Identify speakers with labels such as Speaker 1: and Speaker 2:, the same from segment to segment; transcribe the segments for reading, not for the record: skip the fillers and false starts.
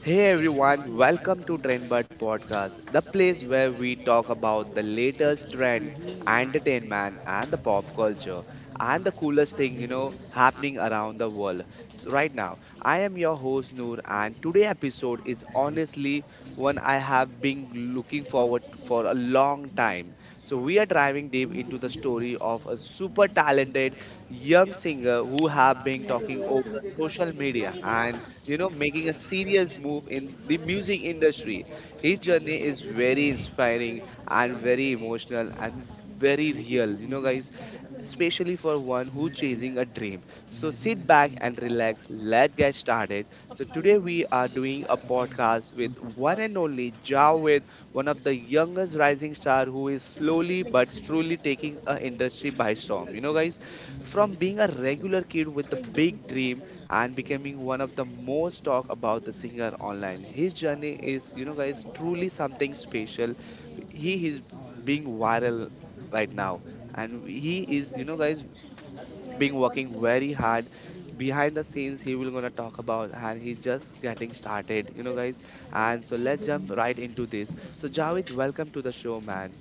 Speaker 1: Hey everyone, welcome to Trendbird Podcast, the place where we talk about the latest trend, entertainment, and the pop culture, and the coolest thing happening around the world. So right now, I am your host Noor, and today episode is honestly one I have been looking forward to for a long time. So we are diving deep into the story of a super talented young singer who have been talking over social media and making a serious move in the music industry. His journey is very inspiring and very emotional and very real, you know, guys, especially for one who chasing a dream. So sit back and relax, let's get started. So today we are doing a podcast with one and only Javed, one of the youngest rising star who is slowly but truly taking a industry by storm, you know, guys. From being a regular kid with the big dream and becoming one of the most talk about the singer online. His journey is, you know, guys, truly something special. He is being viral right now, and he is, you know, guys, being working very hard behind the scenes. He will gonna talk about, and he's just getting started, you know, guys. And so let's jump right into this. So Javed, welcome to the show, man.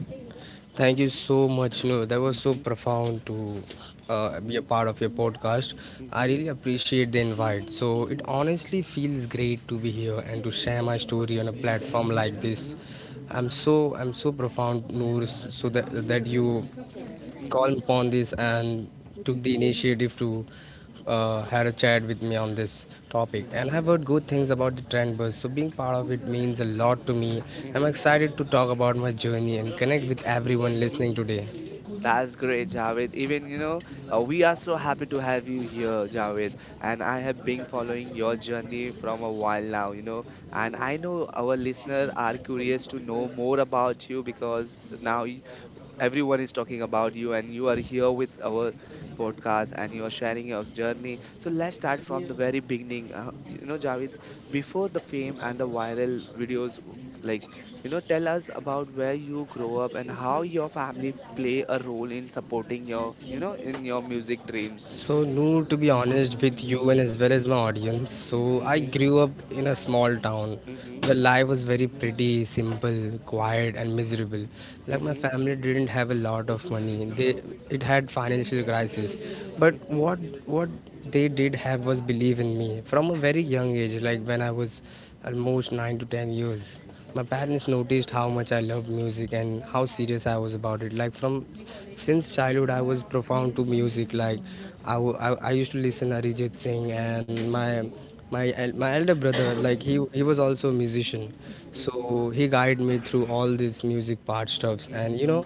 Speaker 2: Thank you so much. No, that was so
Speaker 1: Mhm,
Speaker 2: profound to be a
Speaker 1: mhm,
Speaker 2: part of your podcast. I
Speaker 1: mhm,
Speaker 2: really appreciate the invite. So it
Speaker 1: mhm,
Speaker 2: honestly feels great to be here and to share my story on a
Speaker 1: mhm,
Speaker 2: platform like this.
Speaker 1: mhm,
Speaker 2: I'm so profound, Noor, so that you called
Speaker 1: mhm,
Speaker 2: upon this and took the
Speaker 1: mhm,
Speaker 2: initiative to had a chat with me on this topic,
Speaker 1: mhm,
Speaker 2: and I've heard good things about the trend bus, so being part of it means a lot to me. I'm
Speaker 1: mhm,
Speaker 2: excited to talk about my journey and connect with everyone
Speaker 1: mhm.
Speaker 2: listening today.
Speaker 1: That's great, Javed. Even, we are so happy to have you here, Javed. And I have been following your journey from a while now. And I know our listeners are curious to know more about you, because now everyone is talking about you and you are here with our podcast and you are sharing your journey. So let's start from the very beginning, you know, Javed, before the fame and the viral videos, like tell us about where you grow up and how your family play a role in supporting your in your music dreams.
Speaker 2: So, Noor, to be
Speaker 1: Mm-hmm,
Speaker 2: honest with
Speaker 1: mm-hmm,
Speaker 2: you and as well as my audience, so I
Speaker 1: mm-hmm,
Speaker 2: grew up in a small town
Speaker 1: mm-hmm,
Speaker 2: where life was very pretty, simple, quiet, and miserable.
Speaker 1: hmm,
Speaker 2: Like my
Speaker 1: hmm,
Speaker 2: family didn't have a lot of money; they
Speaker 1: hmm,
Speaker 2: it had financial crisis. But
Speaker 1: hmm,
Speaker 2: what they did have was belief in me from a very young age. Like when I was almost 9 to 10 years, my parents noticed how much I loved music and how serious I was about it. Like from since childhood, I was profound to music. Like I used to listen Arijit Singh, and my elder brother, like he
Speaker 1: hmm,
Speaker 2: was also a musician, so he guided me through all these music part stuffs. And
Speaker 1: hmm,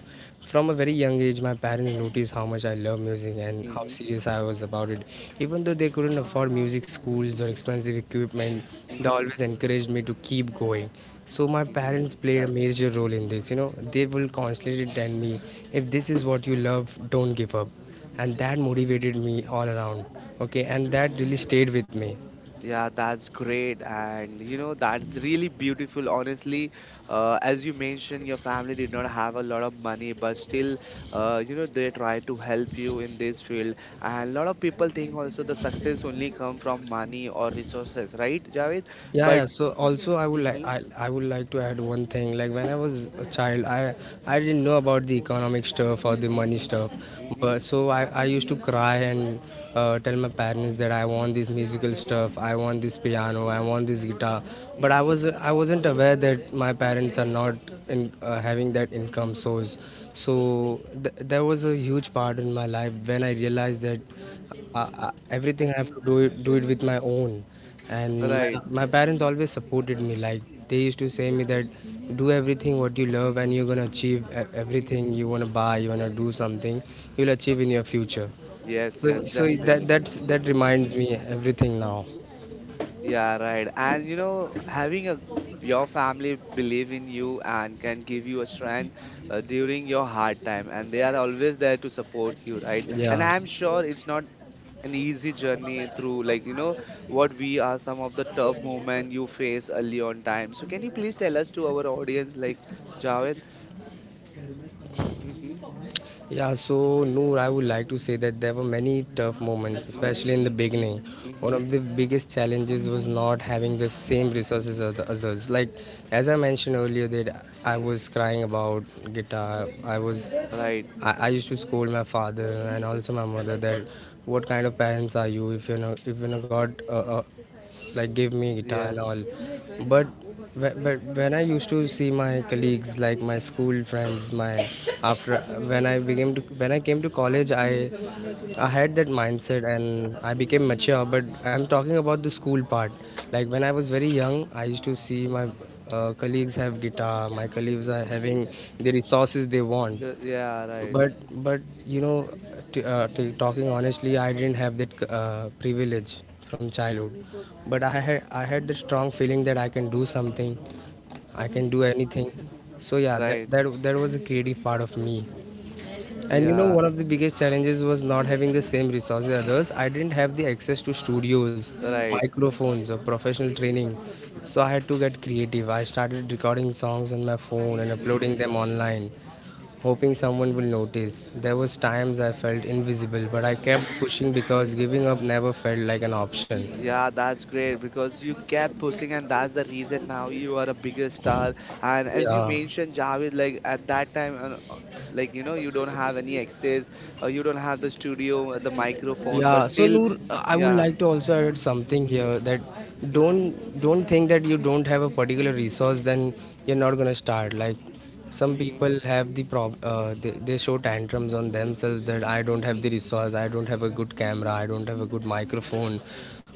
Speaker 2: from a very young age, my parents noticed how much I love music and how serious I was about it. Even though they couldn't afford music schools or expensive equipment, they
Speaker 1: hmm,
Speaker 2: always encouraged me to keep going. So my parents played a
Speaker 1: hmm.
Speaker 2: major role in this. They will constantly tell me, if this is what you love, don't give up. And that motivated me all around. Okay, and that really stayed with me.
Speaker 1: Yeah, that's great. And you know, that's really beautiful. Honestly, as you mentioned, your family did not have a lot of money, but still, they tried to help you in this field. And a lot of people think also the success only come from money or resources, right, Javed?
Speaker 2: Yeah, yeah,
Speaker 1: But
Speaker 2: so also i would like
Speaker 1: mm-hmm,
Speaker 2: I, I would like to add one thing. Like when I was a child, I didn't know about the economic stuff or the money
Speaker 1: mm-hmm,
Speaker 2: stuff.
Speaker 1: mm-hmm,
Speaker 2: But so I used to cry and tell my parents that I want this musical stuff, I want this piano, I want this guitar. But
Speaker 1: mm-hmm,
Speaker 2: I wasn't aware that my parents are not having that income source. So there was a huge part in my life when I realized that everything I have
Speaker 1: mm-hmm,
Speaker 2: to do it with my own. And my,
Speaker 1: right.
Speaker 2: my parents always supported me. Like they used to say me that do everything what you love and you're gonna achieve everything.
Speaker 1: Mm-hmm.
Speaker 2: You wanna buy, you wanna do something, you'll achieve in your future.
Speaker 1: Yes,
Speaker 2: So
Speaker 1: yes,
Speaker 2: so that
Speaker 1: definitely.
Speaker 2: that's that reminds me everything now.
Speaker 1: Yeah, right. And you know, having a your family believe in you and can give you a strength during your hard time, and they are always there to support you, right? And
Speaker 2: Yeah.
Speaker 1: I'm sure it's not an easy journey through, like what we are some of the tough moment you face early on time. So can you please tell us to our audience, like, Javed? Mm-hmm.
Speaker 2: Yeah, so Noor, I would like to say that there were many tough moments,
Speaker 1: Mm-hmm.
Speaker 2: especially in the beginning. One
Speaker 1: Mm-hmm.
Speaker 2: of the biggest challenges was not having the same resources as the others. Like, as I mentioned earlier, that I was crying about guitar. I was,
Speaker 1: Right.
Speaker 2: I, I used to scold my father and also my mother that what kind of parents are you if you're not got like give me guitar and
Speaker 1: Yes.
Speaker 2: all. But when I used to see my colleagues, like my school friends, my after, when I came to college, I had that mindset and I became mature. But I'm talking about the school part. Like when I was very young, I used to see my colleagues have guitar, my colleagues are having the resources they want.
Speaker 1: Yeah. Right.
Speaker 2: But but you know, talking honestly, I didn't have that privilege from childhood. But I had the strong feeling that I can do something, I can do anything. So yeah, that
Speaker 1: Right.
Speaker 2: that that was a creative part of me. And
Speaker 1: Yeah.
Speaker 2: one of the biggest challenges was not having the same resources as others. I didn't have the access to studios,
Speaker 1: Right.
Speaker 2: microphones, or professional training. So I had to get creative. I started recording songs on my phone and uploading
Speaker 1: Mm-hmm.
Speaker 2: them online, hoping someone will notice. There was times I felt invisible, but I kept
Speaker 1: Mm-hmm.
Speaker 2: pushing because giving up never felt like an option.
Speaker 1: Yeah, that's great because you kept pushing, and that's the reason now you are a bigger star. And as you
Speaker 2: Yeah,
Speaker 1: mentioned, Javed, like at that time, like you don't have any access, or you don't have the studio, the microphone, but
Speaker 2: yeah, so
Speaker 1: still,
Speaker 2: Noor, I would
Speaker 1: yeah.
Speaker 2: like to also add something
Speaker 1: Hmm,
Speaker 2: here that
Speaker 1: hmm,
Speaker 2: don't think that you don't have a particular resource, then you're not gonna start. Like some
Speaker 1: hmm.
Speaker 2: people have the prob they show tantrums on themselves that I don't have the resource, I don't have a good camera, I don't have a good microphone,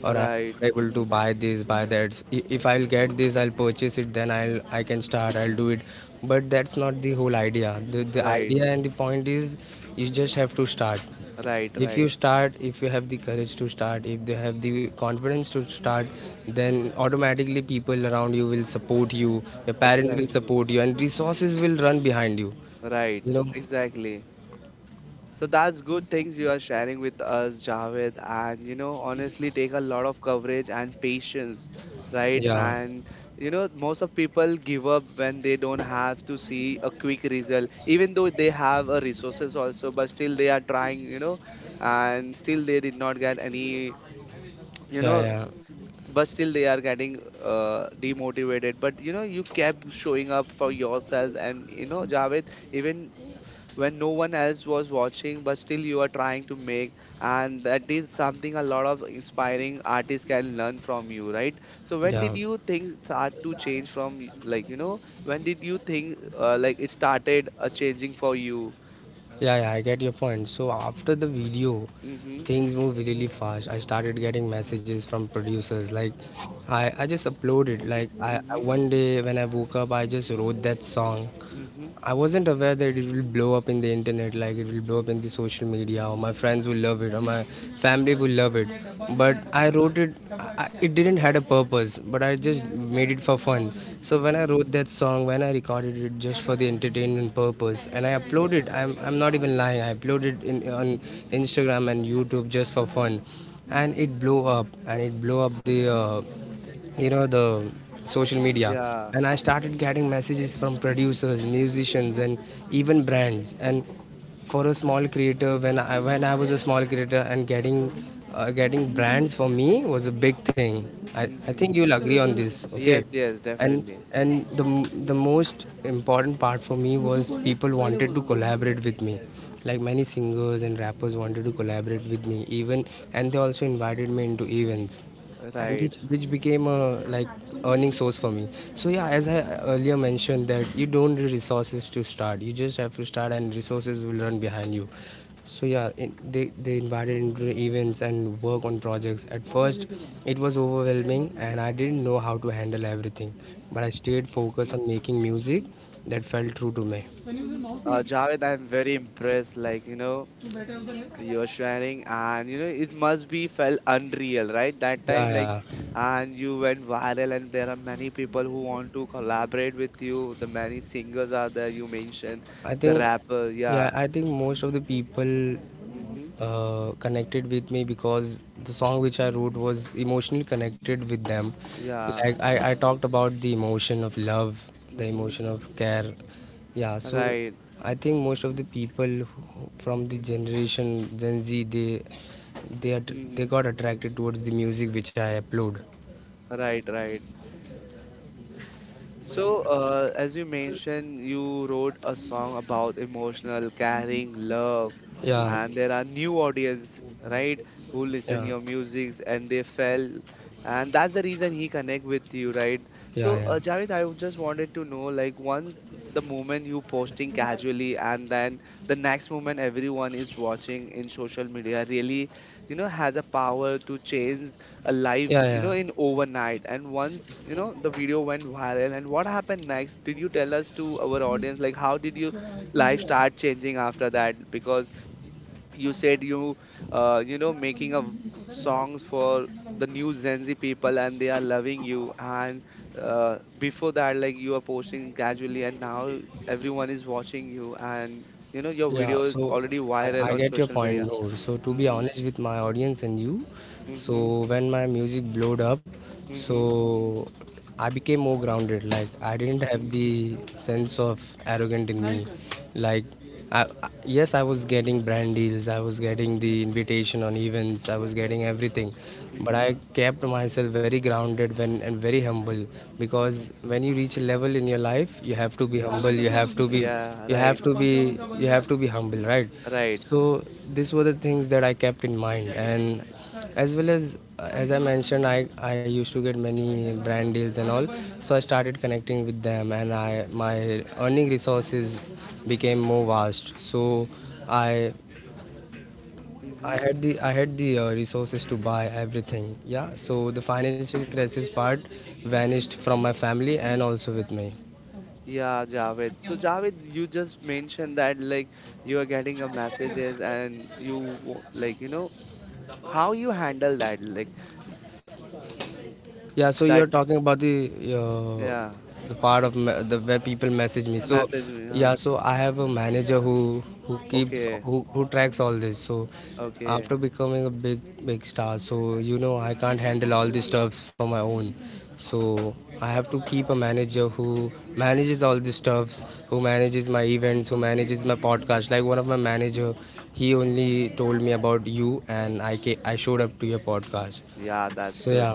Speaker 2: or I'm
Speaker 1: Right,
Speaker 2: not able to buy this, buy that. If I'll get this, I'll purchase it, then I can start, I'll do it. But that's not the whole idea. The
Speaker 1: right,
Speaker 2: idea and the point is you just have to start.
Speaker 1: right,
Speaker 2: If
Speaker 1: right.
Speaker 2: you start, if you have the courage to start, if they have the confidence to start, then automatically people around you will support you, your parents will
Speaker 1: Exactly,
Speaker 2: support you, and resources will run behind you
Speaker 1: right,
Speaker 2: you know
Speaker 1: exactly. So that's good things you are sharing with us, Javed. And you know, honestly, take a lot of coverage and patience, right?
Speaker 2: Yeah,
Speaker 1: And you know, most of people give up when they don't have to see a quick result, even though they have a resources also, but still they are trying, and still they did not get any, you
Speaker 2: yeah,
Speaker 1: know,
Speaker 2: yeah,
Speaker 1: but still they are getting demotivated. But you know, you kept showing up for yourself, and you know, Javed, even when no one else was watching, but still you are trying to make, and that is something a lot of inspiring artists can learn from you, right? So when
Speaker 2: yeah,
Speaker 1: did you things start to change from, like when did you think like it started changing for you?
Speaker 2: yeah, yeah, I get your point. So after the video,
Speaker 1: Mm-hmm,
Speaker 2: things move really fast. I started getting messages from producers. Like I just uploaded. Like I
Speaker 1: mm-hmm,
Speaker 2: one day when I woke up, I just wrote that song.
Speaker 1: mm-hmm,
Speaker 2: I wasn't aware that it will blow up in the internet, like it will blow up in the social media, or my friends will love it, or my family will love it. But I
Speaker 1: mm-hmm,
Speaker 2: wrote it; it didn't had a purpose, but I just made it for fun. So when I
Speaker 1: mm-hmm,
Speaker 2: wrote that song, when I recorded it just for the entertainment purpose, and I
Speaker 1: mm-hmm,
Speaker 2: uploaded, I'm not even lying, I uploaded in on
Speaker 1: mm-hmm,
Speaker 2: Instagram and YouTube just for fun, and it blew up, and it blew up the you know the social media.
Speaker 1: yeah,
Speaker 2: And I started getting messages from producers, musicians, and even brands. And for a small creator, when I was a small creator, and getting brands for me was a big thing. I think you'll
Speaker 1: mm-hmm,
Speaker 2: agree on this. Okay.
Speaker 1: yes, yes,
Speaker 2: and
Speaker 1: definitely,
Speaker 2: and the most important part for me was people wanted to collaborate with me. Like many singers and rappers wanted to collaborate with me, even, and they also invited me into events, and which
Speaker 1: right.
Speaker 2: which became a, like, earning source for me. So yeah, as I earlier mentioned, that you don't need resources to start, you just have to start and resources will run behind you. So yeah, they invited into the events and work on projects. At first it was overwhelming and I didn't know how to handle everything, but I stayed focused on making music
Speaker 1: Mhm.
Speaker 2: that felt true to me.
Speaker 1: Javed, I'm very impressed. Like, you know, you're sharing, and you know it must be felt unreal right that
Speaker 2: Yeah,
Speaker 1: time, like,
Speaker 2: yeah.
Speaker 1: and you went viral and there are many people who want to collaborate with you, the many singers are there you mentioned,
Speaker 2: I
Speaker 1: the
Speaker 2: think,
Speaker 1: rapper,
Speaker 2: yeah,
Speaker 1: yeah.
Speaker 2: I think most of the people
Speaker 1: Mm-hmm.
Speaker 2: connected with me because the song which I wrote was emotionally connected with them.
Speaker 1: Yeah.
Speaker 2: Like I talked about the emotion of love, the
Speaker 1: Mm-hmm.
Speaker 2: emotion of care. Yeah, so
Speaker 1: Right.
Speaker 2: I think most of the people who, from the generation Gen Z, they are
Speaker 1: Mm-hmm.
Speaker 2: they got attracted towards the music which I upload.
Speaker 1: Right, right. So, as you mentioned, you wrote a song about emotional, caring, love,
Speaker 2: Yeah,
Speaker 1: and there are new audience, right, who listen
Speaker 2: yeah,
Speaker 1: your music and they fell, and that's the reason he connect with you, right? So,
Speaker 2: yeah,
Speaker 1: Javed, I would just wanted to know, like, once the moment you posting casually, and then the next moment everyone is watching in social media, really, you know, has a power to change live,
Speaker 2: yeah,
Speaker 1: you
Speaker 2: yeah,
Speaker 1: know, in overnight. And once, you know, the video went viral. And what happened next? Did you tell us to our audience, like, how did your life start changing after that? Because you said you, you know, making a
Speaker 2: yeah.
Speaker 1: songs for the new Gen Z people, and they are loving you. And before that, like, you are posting casually, and now everyone is watching you, and you know, your
Speaker 2: Yeah,
Speaker 1: video is
Speaker 2: so
Speaker 1: already
Speaker 2: I,
Speaker 1: viral
Speaker 2: I
Speaker 1: on
Speaker 2: get your
Speaker 1: social
Speaker 2: point,
Speaker 1: media.
Speaker 2: Noor. So to be
Speaker 1: Mm-hmm.
Speaker 2: honest with my audience and you,
Speaker 1: Mm-hmm.
Speaker 2: so when my music blowed up,
Speaker 1: Mm-hmm.
Speaker 2: so I became more grounded. Like I didn't
Speaker 1: Mm-hmm.
Speaker 2: have the sense of arrogant in me. Like yes, I was getting brand deals. I was getting the invitation on events. I was getting everything, but
Speaker 1: Mm-hmm.
Speaker 2: I kept myself very grounded when and very humble, because
Speaker 1: Mm-hmm.
Speaker 2: when you reach a level in your life, you have to be
Speaker 1: Mm.
Speaker 2: humble. You have to be
Speaker 1: Yeah,
Speaker 2: you
Speaker 1: right,
Speaker 2: have to be you have to be humble, right?
Speaker 1: right.
Speaker 2: So these were the things that I kept in mind, and as well as I mentioned, I used to get many brand deals and all. So I started connecting with them, and I my earning resources became more vast. So I
Speaker 1: Hmm.
Speaker 2: I had the resources to buy everything. Yeah, so the financial crisis part vanished from my family and also with me.
Speaker 1: Yeah, Javed. So Javed, you just mentioned that like you are getting a messages, and like you know how you handle that, like
Speaker 2: Yeah, so you're
Speaker 1: that,
Speaker 2: talking about uh,
Speaker 1: yeah,
Speaker 2: the part of me- the where people message me. So
Speaker 1: message me,
Speaker 2: yeah,
Speaker 1: huh?
Speaker 2: so I have a manager
Speaker 1: Mhm.
Speaker 2: who keeps
Speaker 1: Okay,
Speaker 2: who tracks all this. So
Speaker 1: okay.
Speaker 2: after becoming a big star, so you know, I can't handle all these stuffs for my own. So I have to keep a manager who manages all these stuffs, who manages my events, who manages my podcast. Like one of my manager, he only told me about you, and I showed up to your podcast.
Speaker 1: Yeah,
Speaker 2: So
Speaker 1: that's
Speaker 2: yeah,
Speaker 1: good.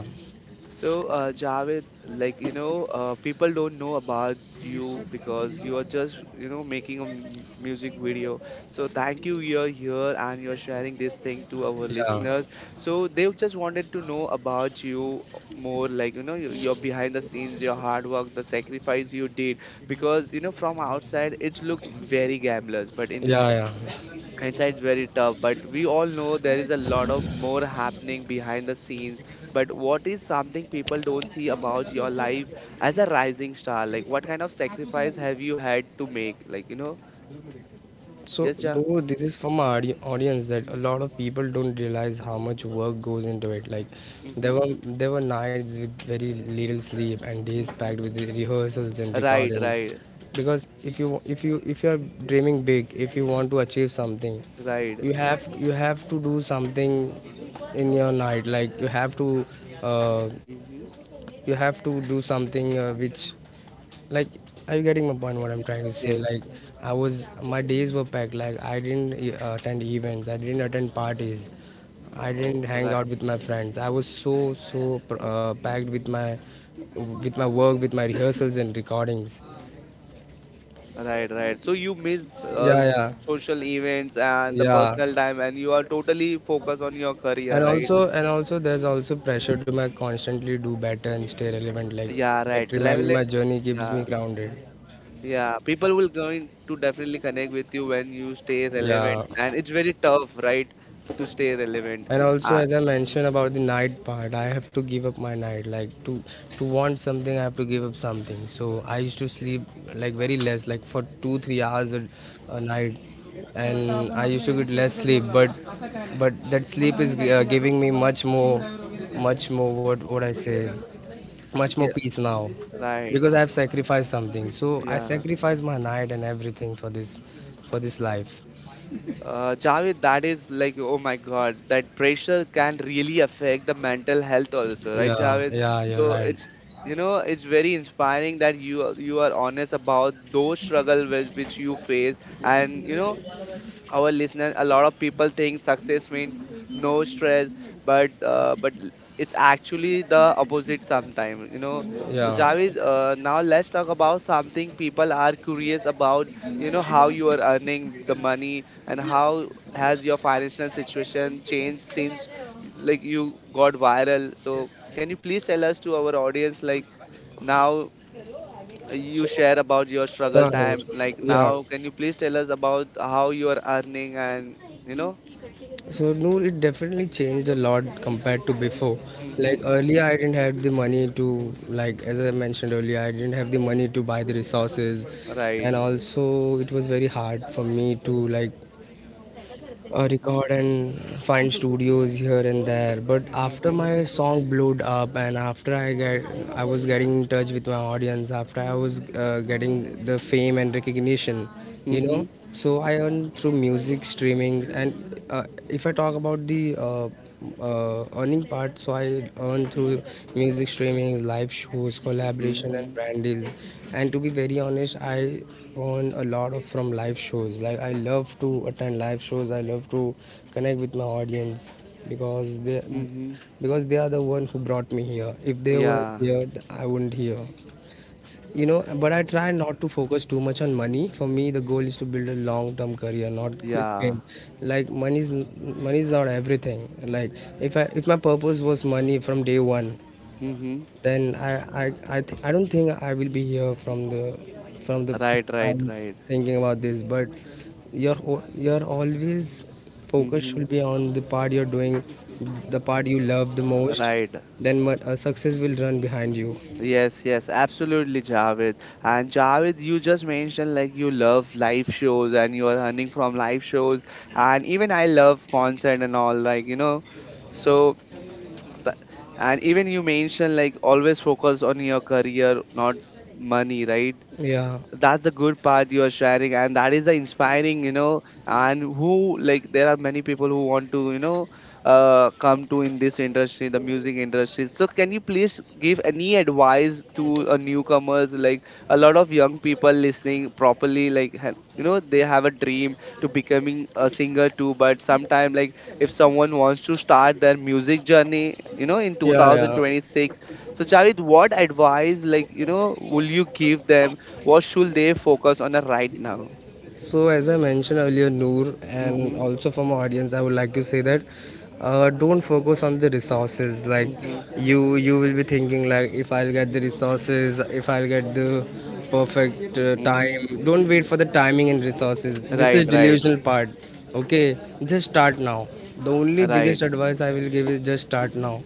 Speaker 1: So, Javed, like, you know, people don't know about you because you are just, you know, making a music video. So, thank you, you're here and you're sharing this thing to our
Speaker 2: yeah.
Speaker 1: listeners. So, they just wanted to know about you more, like, you know, your behind the scenes, your hard work, the sacrifice you did. Because, you know, from outside, it's look very glamorous, but in
Speaker 2: Yeah,
Speaker 1: Hindsight's very tough, but we all know there is a lot of more happening behind the scenes. But what is something people don't
Speaker 2: yeah.
Speaker 1: see about your life as a rising star? Like, what kind of sacrifice have you had to make? Like, you know,
Speaker 2: So,
Speaker 1: just yeah.
Speaker 2: though this
Speaker 1: Mm-hmm,
Speaker 2: is from our audience, that a lot of people don't realize how much work goes into it. Like there
Speaker 1: mm-hmm,
Speaker 2: were there were nights with very little sleep and days
Speaker 1: mm-hmm.
Speaker 2: packed with rehearsals and
Speaker 1: Right,
Speaker 2: recordings.
Speaker 1: right,
Speaker 2: Because if you are dreaming big, if you want to achieve something,
Speaker 1: right.
Speaker 2: you have to do something in your night. Like uh,
Speaker 1: Mm-hmm.
Speaker 2: you have to do something which like are you getting my point what I'm trying to say?
Speaker 1: Yes.
Speaker 2: I was, my days were packed. Like I didn't e- attend events, I didn't attend parties, I
Speaker 1: Oh,
Speaker 2: didn't hang
Speaker 1: right,
Speaker 2: out with my friends. I was so packed with my, with my work, with my rehearsals and recordings.
Speaker 1: right, right. So you miss
Speaker 2: Yeah, yeah,
Speaker 1: social events and the
Speaker 2: yeah.
Speaker 1: personal time, and you are totally focused on your career,
Speaker 2: and
Speaker 1: right?
Speaker 2: also and also there's also pressure to my constantly do better and stay relevant,
Speaker 1: Yeah, right.
Speaker 2: but remember
Speaker 1: Traveling.
Speaker 2: my journey keeps me
Speaker 1: Yeah.
Speaker 2: grounded.
Speaker 1: Yeah, people will going to definitely connect with you when you stay
Speaker 2: Yeah.
Speaker 1: relevant, and it's very tough, right, to stay relevant.
Speaker 2: And also,
Speaker 1: Uh,
Speaker 2: as I
Speaker 1: mhm.
Speaker 2: mentioned about the night part, I have to give up my night. Like to want something, I have to give up something. So I used to sleep, like very less, like for 2 3 hours a night, and I used to get less sleep. But that sleep is giving me much more, much more. What I say? Much more
Speaker 1: Yeah,
Speaker 2: peace now,
Speaker 1: right.
Speaker 2: because I have sacrificed something. So I
Speaker 1: Yeah.
Speaker 2: sacrificed my night and everything for this life.
Speaker 1: Javed, that is like, oh my God, that pressure can really affect the mental health also, right,
Speaker 2: Yeah,
Speaker 1: Javed?
Speaker 2: yeah, you're
Speaker 1: So
Speaker 2: right.
Speaker 1: it's, you know, it's very inspiring that you are honest about those struggle with, which you face, and you know, our listeners, a lot of people think success means no stress, but it's actually the opposite sometimes, you know. So
Speaker 2: Yeah.
Speaker 1: Javid, now let's talk about something people are curious about. You know, how you are earning the money and how has your financial situation changed since, like, you got viral. So can you please tell us to our audience, like, now you
Speaker 2: So
Speaker 1: share about your struggle
Speaker 2: Yeah, Noor.
Speaker 1: time, like,
Speaker 2: Yeah.
Speaker 1: now can you please tell us about how you are earning and you know
Speaker 2: So Noor, it definitely changed a lot compared to before. Like
Speaker 1: mm-hmm,
Speaker 2: earlier,
Speaker 1: mm-hmm.
Speaker 2: I didn't have the money to, like as I mentioned earlier, I didn't have the money to buy the resources, and
Speaker 1: Right,
Speaker 2: also it was very hard for me to like
Speaker 1: mm-hmm,
Speaker 2: record and find studios here and there. But after
Speaker 1: mm-hmm,
Speaker 2: my song blew up and after I get, I was getting in touch with my audience, after I was getting the fame and recognition, you know.
Speaker 1: mm-hmm,
Speaker 2: So I earn through music streaming, and if I talk about the earning part, so I earn through music streaming, live shows, collaboration, and
Speaker 1: mm-hmm,
Speaker 2: brand deals. And to be very honest, I on a lot of from live shows. Like I love to attend live shows, I love to connect with my audience, because they,
Speaker 1: mm-hmm.
Speaker 2: because they are the one who brought me here. If they were
Speaker 1: Yeah,
Speaker 2: here I wouldn't here, you know. But I try not to focus too much on money. For me, the goal is to build a long term career, not quick
Speaker 1: yeah,
Speaker 2: fame. Like money is, money is not everything. Like if my purpose was money from day one,
Speaker 1: mm-hmm.
Speaker 2: then I I don't think I will be here from the, from the
Speaker 1: Right, right,
Speaker 2: times
Speaker 1: right,
Speaker 2: thinking about this. But your always focus
Speaker 1: mm-hmm.
Speaker 2: should be on the part you're doing, the part you love the most.
Speaker 1: Right.
Speaker 2: Then what a success will run behind you.
Speaker 1: Yes, yes, absolutely, Javed. And Javed, you just mentioned like you love live shows and you are earning from live shows, and even I love concert and all, like you know. So, Th- and even you mentioned like always focus on your career not money, right?
Speaker 2: Yeah,
Speaker 1: That's the good part you are sharing and that is the inspiring, you know. And who, like, there are many people who want to, you know, come to in this industry, the music industry. So can you please give any advice to a newcomers, like a lot of young people listening properly, like, you know, they have a dream to becoming a singer too. But sometime, like, if someone wants to start their music journey, you know, in
Speaker 2: yeah, yeah.
Speaker 1: 2026, so Charit, what advice, like, you know, will you give them? What should they focus on, right now?
Speaker 2: So, as I mentioned earlier, Noor, and
Speaker 1: Mm-hmm.
Speaker 2: also from our audience, I would like to say that don't focus on the resources. Like
Speaker 1: Mm-hmm.
Speaker 2: you will be thinking like, if I'll get the resources, if I'll get the perfect
Speaker 1: Mm-hmm.
Speaker 2: time. Don't wait for the timing and resources. This is
Speaker 1: Right, right,
Speaker 2: delusional part. Okay, just start now. The only
Speaker 1: right,
Speaker 2: biggest advice I will give is just start now.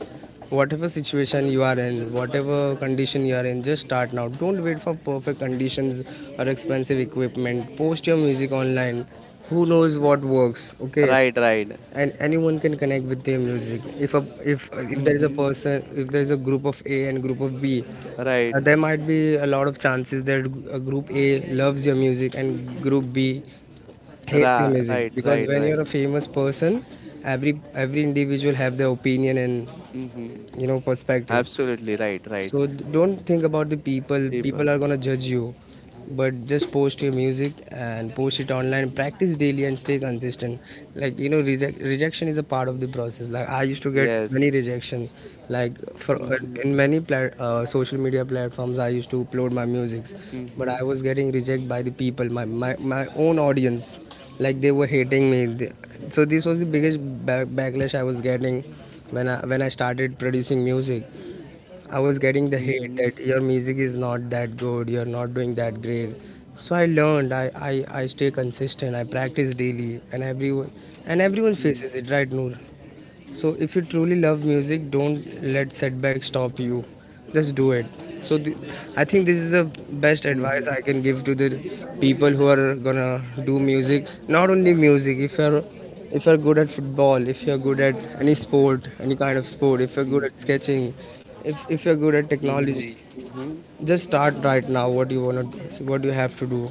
Speaker 2: Whatever situation you are in, whatever condition you are in, just start now. Don't wait for perfect conditions or expensive equipment. Post your music online. Who knows what works? Okay,
Speaker 1: right, right.
Speaker 2: and anyone can connect with their music. If if there is a
Speaker 1: Mm-hmm.
Speaker 2: person, if there is a group of A and group of B,
Speaker 1: Right.
Speaker 2: there might be a lot of chances that group A loves your music and group B hates your
Speaker 1: Ra,
Speaker 2: music.
Speaker 1: right,
Speaker 2: Because
Speaker 1: right,
Speaker 2: when you're
Speaker 1: right.
Speaker 2: a famous person, every individual have their opinion and,
Speaker 1: Mm-hmm.
Speaker 2: you know, perspective.
Speaker 1: Absolutely right, right.
Speaker 2: So don't think about the people. People
Speaker 1: People.
Speaker 2: are gonna judge you, but just post your music and post it online. Practice daily and stay consistent. Like you know, rejection is a part of the process. Like I used to get
Speaker 1: Yes.
Speaker 2: many rejection. Like for
Speaker 1: Mm-hmm.
Speaker 2: in many plat social media platforms, I used to upload my musics, but
Speaker 1: Mm-hmm.
Speaker 2: I was getting rejected by the people, my own audience. Like they were hating me. So this was the biggest backlash I was getting when I started producing music. I was getting the hate
Speaker 1: Mm-hmm.
Speaker 2: that your music is not that good, you're not doing that great. So I learned, I stay consistent, I practice daily, and everyone
Speaker 1: Mm-hmm.
Speaker 2: faces it, right, Noor? So if you truly love music, don't let setbacks stop you. Just do it. So th- I think this is the best advice
Speaker 1: Mm-hmm.
Speaker 2: I can give to the people who are gonna do music. Not only music. If you're good at football, if you're good at any sport, any kind of sport, if you're good at
Speaker 1: Mm-hmm.
Speaker 2: sketching, if you're good at technology,
Speaker 1: Mm-hmm. Mm-hmm.
Speaker 2: just start right now. What you wanna do, what you have to do.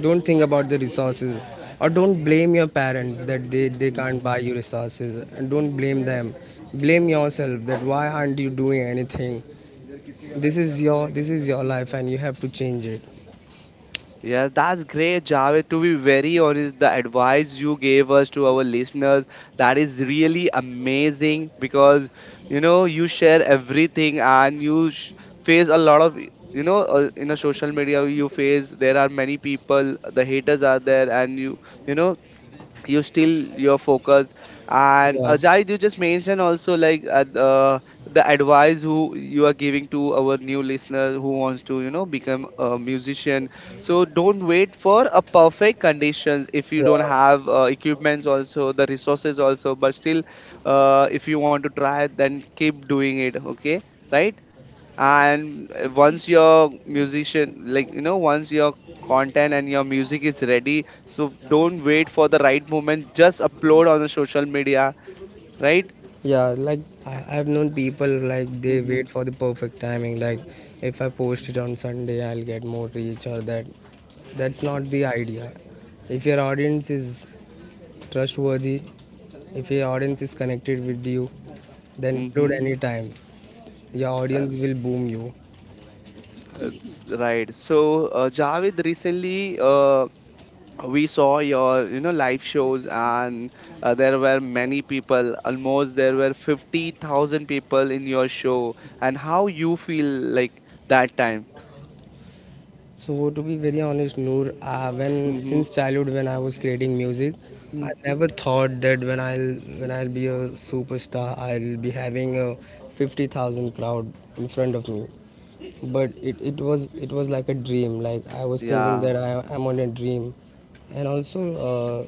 Speaker 2: Don't think about the resources, or don't blame your parents that they can't buy
Speaker 1: Mm-hmm.
Speaker 2: you resources, and don't blame them. Blame yourself that why aren't you doing anything? This is your life, and you have to change it.
Speaker 1: Yeah, that's great, Javed. To be very honest, the advice you gave us to our listeners, that is really amazing because you share everything and face a lot of, in a social media you face, there are many people, the haters are there, and you know you still your focus. And
Speaker 2: Yeah,
Speaker 1: Ajay, you just mentioned also like the advice who you are giving to our new listener who wants to become a musician. So don't wait for a perfect conditions. If you
Speaker 2: yeah,
Speaker 1: don't have equipments also, the resources also, but still if you want to try, then keep doing it, okay? Right. And once your musician, like once your content and your music is ready, so don't wait for the right moment, just upload on the social media, right?
Speaker 2: yeah. Like I've known people like they
Speaker 1: Mm-hmm.
Speaker 2: wait for the perfect timing. Like if I post it on Sunday, I'll get more reach or that. That's not the idea. If your audience is trustworthy, If your audience is connected with you, then upload
Speaker 1: Mm-hmm.
Speaker 2: anytime. Your
Speaker 1: Uh,
Speaker 2: audience will boom you.
Speaker 1: it's right. So Javed, recently we saw your, live shows, and there were many people, almost there were 50,000 people in your show. And how you feel, like, that time?
Speaker 2: So to be very honest, Noor, when
Speaker 1: Mm-hmm.
Speaker 2: since childhood when I was creating music, I never thought that when I'll be a superstar, I'll be having a 50,000 crowd in front of me. But it was like a dream. Like I was thinking
Speaker 1: Yeah.
Speaker 2: that I am on a dream. And also uh,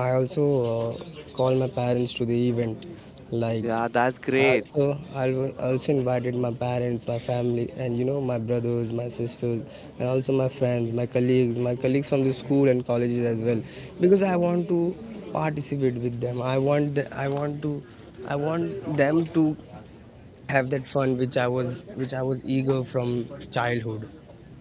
Speaker 2: I also uh, call my parents to the event. Like
Speaker 1: Yeah, that's great.
Speaker 2: also invited my parents, my family, and you know my brothers, my sisters, and also my friends, my colleagues from the school and colleges as well, because I want to participate with them. I want to I want them to have that fun which I was eager from childhood.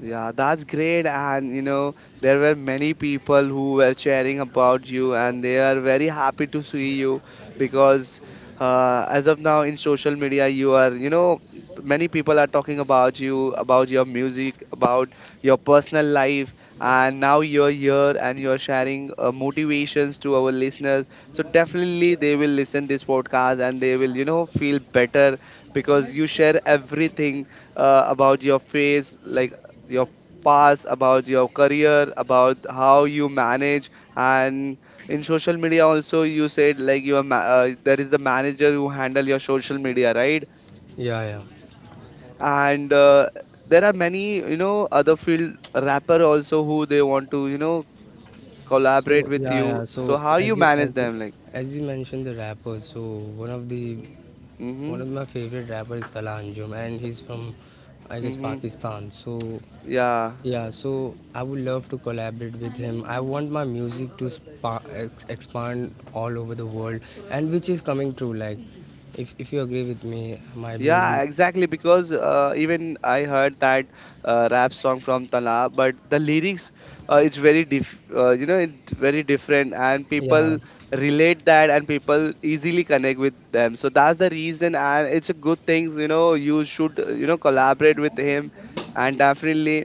Speaker 1: Yeah, that's great. And you know, there were many people who were sharing about you, and they are very happy to see you. Because as of now in social media you are, many people are talking about you, about your music, about your personal life. And now you're here and you're sharing motivations to our listeners, so definitely they will listen this podcast and they will, feel better because you share everything. About your face, like your past, about your career, about how you manage. And in social media also, you said like you are there is the manager who handle your social media, right?
Speaker 2: Yeah, yeah.
Speaker 1: And there are many, other field rapper also, who they want to, collaborate with you. So
Speaker 2: So
Speaker 1: how you manage them, like?
Speaker 2: as you mentioned the rappers, so one of the one
Speaker 1: Mhm.
Speaker 2: of my favorite rapper is Tala Anjum, and he's from, I guess,
Speaker 1: Mhm.
Speaker 2: Pakistan. So
Speaker 1: Yeah.
Speaker 2: yeah, so I would love to collaborate with him. I want my music to expand all over the world, and which is coming true. Like, if you agree with me, my
Speaker 1: Yeah,
Speaker 2: music,
Speaker 1: exactly. Because even I heard that rap song from Tala, but the lyrics, it's very diff, it's very different, and people
Speaker 2: yeah.
Speaker 1: relate that, and people easily connect with them. So that's the reason, and it's a good thing. You should, collaborate with him, and definitely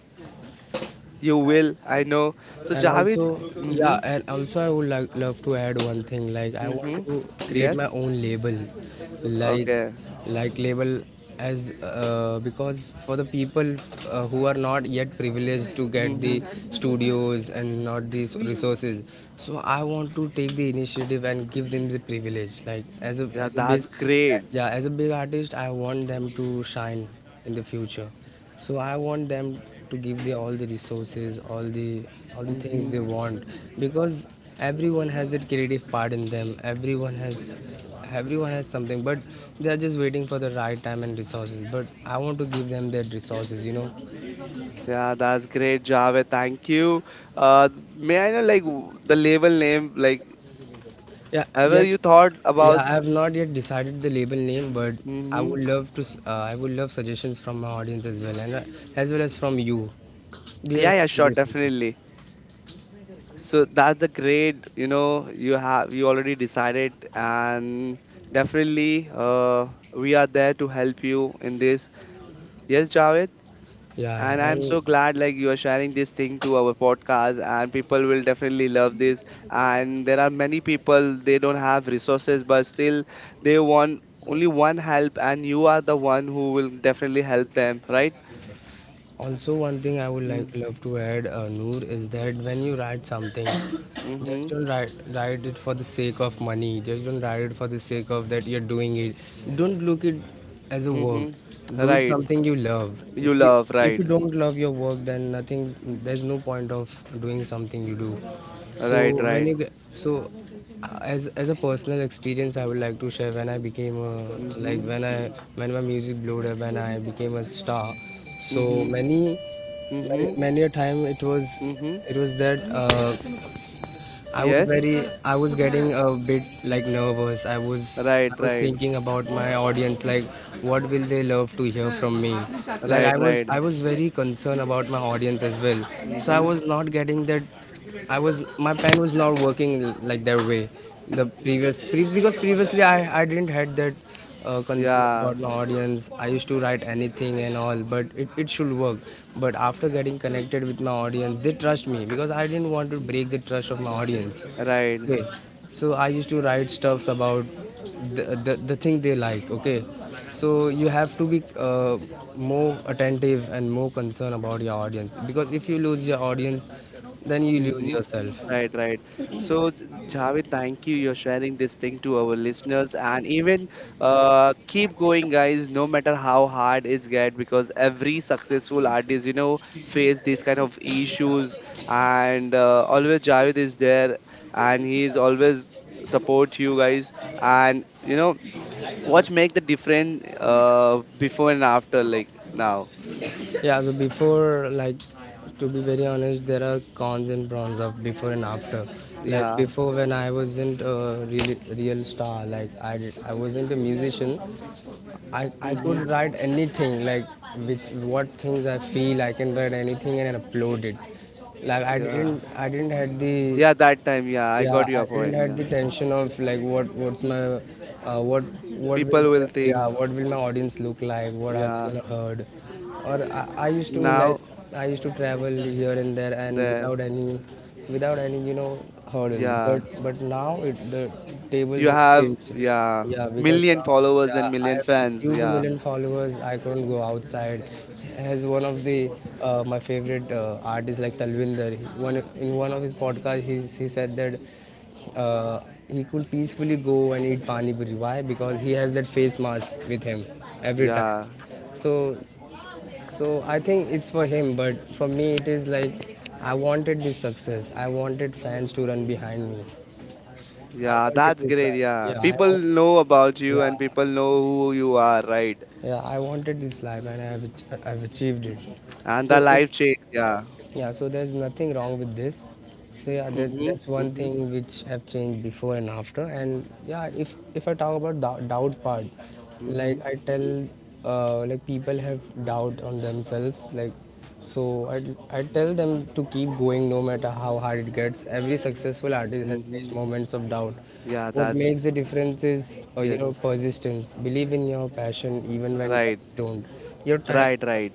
Speaker 1: you will. I know. So
Speaker 2: and
Speaker 1: Javed,
Speaker 2: also
Speaker 1: mm-hmm,
Speaker 2: yeah, and also I would like love to add one thing. Like I want
Speaker 1: mm-hmm,
Speaker 2: to create my
Speaker 1: yes,
Speaker 2: own label. like
Speaker 1: okay,
Speaker 2: like label as because for the people who are not yet privileged to get the
Speaker 1: mm-hmm.
Speaker 2: studios and not these resources, so I want to take the initiative and give them the privilege, like as a,
Speaker 1: Yeah,
Speaker 2: as a big,
Speaker 1: that's great.
Speaker 2: yeah, as a big artist, I want them to shine in the future. So I want them to give the all the resources, all the, all the things
Speaker 1: Mm-hmm.
Speaker 2: they want, because everyone has that creative part in them. Everyone has, everyone has something, but they are just waiting for the right time and resources. But I want to give them that resources, you know.
Speaker 1: Yeah, that's great, Javed. Thank you. Uh, may I know, like the label name? Like,
Speaker 2: Yeah,
Speaker 1: ever
Speaker 2: yet
Speaker 1: you thought
Speaker 2: yeah,
Speaker 1: about?
Speaker 2: I have not yet decided the label name, but I
Speaker 1: Hmm.
Speaker 2: would love to. I would love suggestions from my audience as well, and as well as from you. Do you
Speaker 1: Yeah,
Speaker 2: have
Speaker 1: yeah,
Speaker 2: any
Speaker 1: sure,
Speaker 2: suggestions?
Speaker 1: definitely. So that's a great. You know, you have, you already decided, and definitely, we are there to help you in this. Yes, Javed.
Speaker 2: Yeah,
Speaker 1: And
Speaker 2: yeah.
Speaker 1: I'm so
Speaker 2: And
Speaker 1: glad like you are sharing this thing to our podcast, and people will definitely love this. And there are many people, they don't have resources, but still they want only one help, and you are the one who will definitely help them, right?
Speaker 2: also, one thing I would
Speaker 1: Mm.
Speaker 2: like love to add, Noor, is that when you write something, just
Speaker 1: Mhm.
Speaker 2: don't write it for the sake of money. Just don't write it for the sake of that you're doing it. Don't look it as a work.
Speaker 1: Mhm.
Speaker 2: Do it
Speaker 1: Right.
Speaker 2: something you love.
Speaker 1: You love,
Speaker 2: If
Speaker 1: right.
Speaker 2: you don't love your work, then nothing, there's no point of doing something you do.
Speaker 1: Right,
Speaker 2: So when
Speaker 1: right.
Speaker 2: you get, so as a personal experience, I would like to share, when I became a, like
Speaker 1: Mhm.
Speaker 2: when I, when my music blew up, when I became a star, so
Speaker 1: Mhm. Mhm.
Speaker 2: many a time it was,
Speaker 1: Mhm.
Speaker 2: it was that I was
Speaker 1: Yes.
Speaker 2: very, I was getting a bit like nervous.
Speaker 1: Right,
Speaker 2: I was
Speaker 1: right.
Speaker 2: thinking about my audience, like what will they love to hear from me? Like
Speaker 1: Right, right.
Speaker 2: I was very concerned about my audience as well. So I
Speaker 1: Mhm.
Speaker 2: was not getting that. I was, my pen was not working like that way the because previously I didn't had that concern about
Speaker 1: Yeah.
Speaker 2: my audience. I used to write anything and all, but it should work. But after getting connected with my audience, they trust me because I didn't want to break the trust of my audience.
Speaker 1: Right.
Speaker 2: Okay, so I used to write stuffs about the thing they like. Okay, so you have to be more attentive and more concerned about your audience, because if you lose your audience, then you lose
Speaker 1: Mm-hmm.
Speaker 2: yourself.
Speaker 1: Right, right. So, Javed, thank you. You're sharing this thing to our listeners. And even keep going, guys. No matter how hard it's get, because every successful artist, face these kind of issues. And always Javed is there, and he is always support you guys. And you know, what make the difference before and after, like now.
Speaker 2: Yeah, so before, like, to be very honest, there are cons and pros of before and after. Like
Speaker 1: Yeah.
Speaker 2: before, when I wasn't a real star, like I wasn't a musician. I
Speaker 1: Mm-hmm.
Speaker 2: could write anything, like which what things I feel, I can write anything and upload it. Like I
Speaker 1: Yeah.
Speaker 2: didn't I didn't had the,
Speaker 1: Yeah. That time. Yeah, I
Speaker 2: yeah,
Speaker 1: got
Speaker 2: I
Speaker 1: your
Speaker 2: didn't
Speaker 1: point.
Speaker 2: had
Speaker 1: Yeah.
Speaker 2: the tension of like what's my uh, what what will
Speaker 1: People will
Speaker 2: my, yeah,
Speaker 1: think.
Speaker 2: what will my audience look like, what are they
Speaker 1: Yeah.
Speaker 2: gonna heard? Or I used to like
Speaker 1: Now.
Speaker 2: I used to travel here and there and
Speaker 1: That.
Speaker 2: without any without any you know hurdles,
Speaker 1: Yeah,
Speaker 2: but now it, the tables
Speaker 1: you
Speaker 2: have
Speaker 1: have.
Speaker 2: changed.
Speaker 1: Yeah,
Speaker 2: Yeah, because
Speaker 1: million followers and
Speaker 2: yeah, I
Speaker 1: million
Speaker 2: have,
Speaker 1: fans.
Speaker 2: due to
Speaker 1: Yeah.
Speaker 2: million followers, I couldn't go outside. As one of the my favorite artists like Talvinder, one in one of his podcasts, he said that uh, he could peacefully go and eat pani puri. Why? Because he has that face mask with him every time.
Speaker 1: Yeah.
Speaker 2: So so I think it's for him, but for me it is like I wanted this success. I wanted fans to run behind me. I
Speaker 1: Yeah,
Speaker 2: wanted
Speaker 1: that's
Speaker 2: this
Speaker 1: great.
Speaker 2: life.
Speaker 1: Yeah,
Speaker 2: Yeah, I
Speaker 1: people
Speaker 2: want.
Speaker 1: know about you,
Speaker 2: Yeah,
Speaker 1: and people know who you are, right?
Speaker 2: yeah, I wanted this life and I have I've achieved it.
Speaker 1: And the
Speaker 2: So it,
Speaker 1: life change. Yeah.
Speaker 2: yeah, so there's nothing wrong with this. So yeah, that
Speaker 1: Mhm.
Speaker 2: that's one
Speaker 1: Mhm.
Speaker 2: thing which have changed before and after. And yeah, if I talk about doubt part, like
Speaker 1: Mhm.
Speaker 2: I tell, like people have doubt on themselves. Like, so I I tell them to keep going no matter how hard it gets. Every successful artist has faced
Speaker 1: Mhm.
Speaker 2: moments of doubt.
Speaker 1: Yeah,
Speaker 2: What
Speaker 1: that's.
Speaker 2: makes the difference is, you know,
Speaker 1: Yes.
Speaker 2: persistence. Believe in your passion even when
Speaker 1: Right,
Speaker 2: others don't. Your time.
Speaker 1: right, right.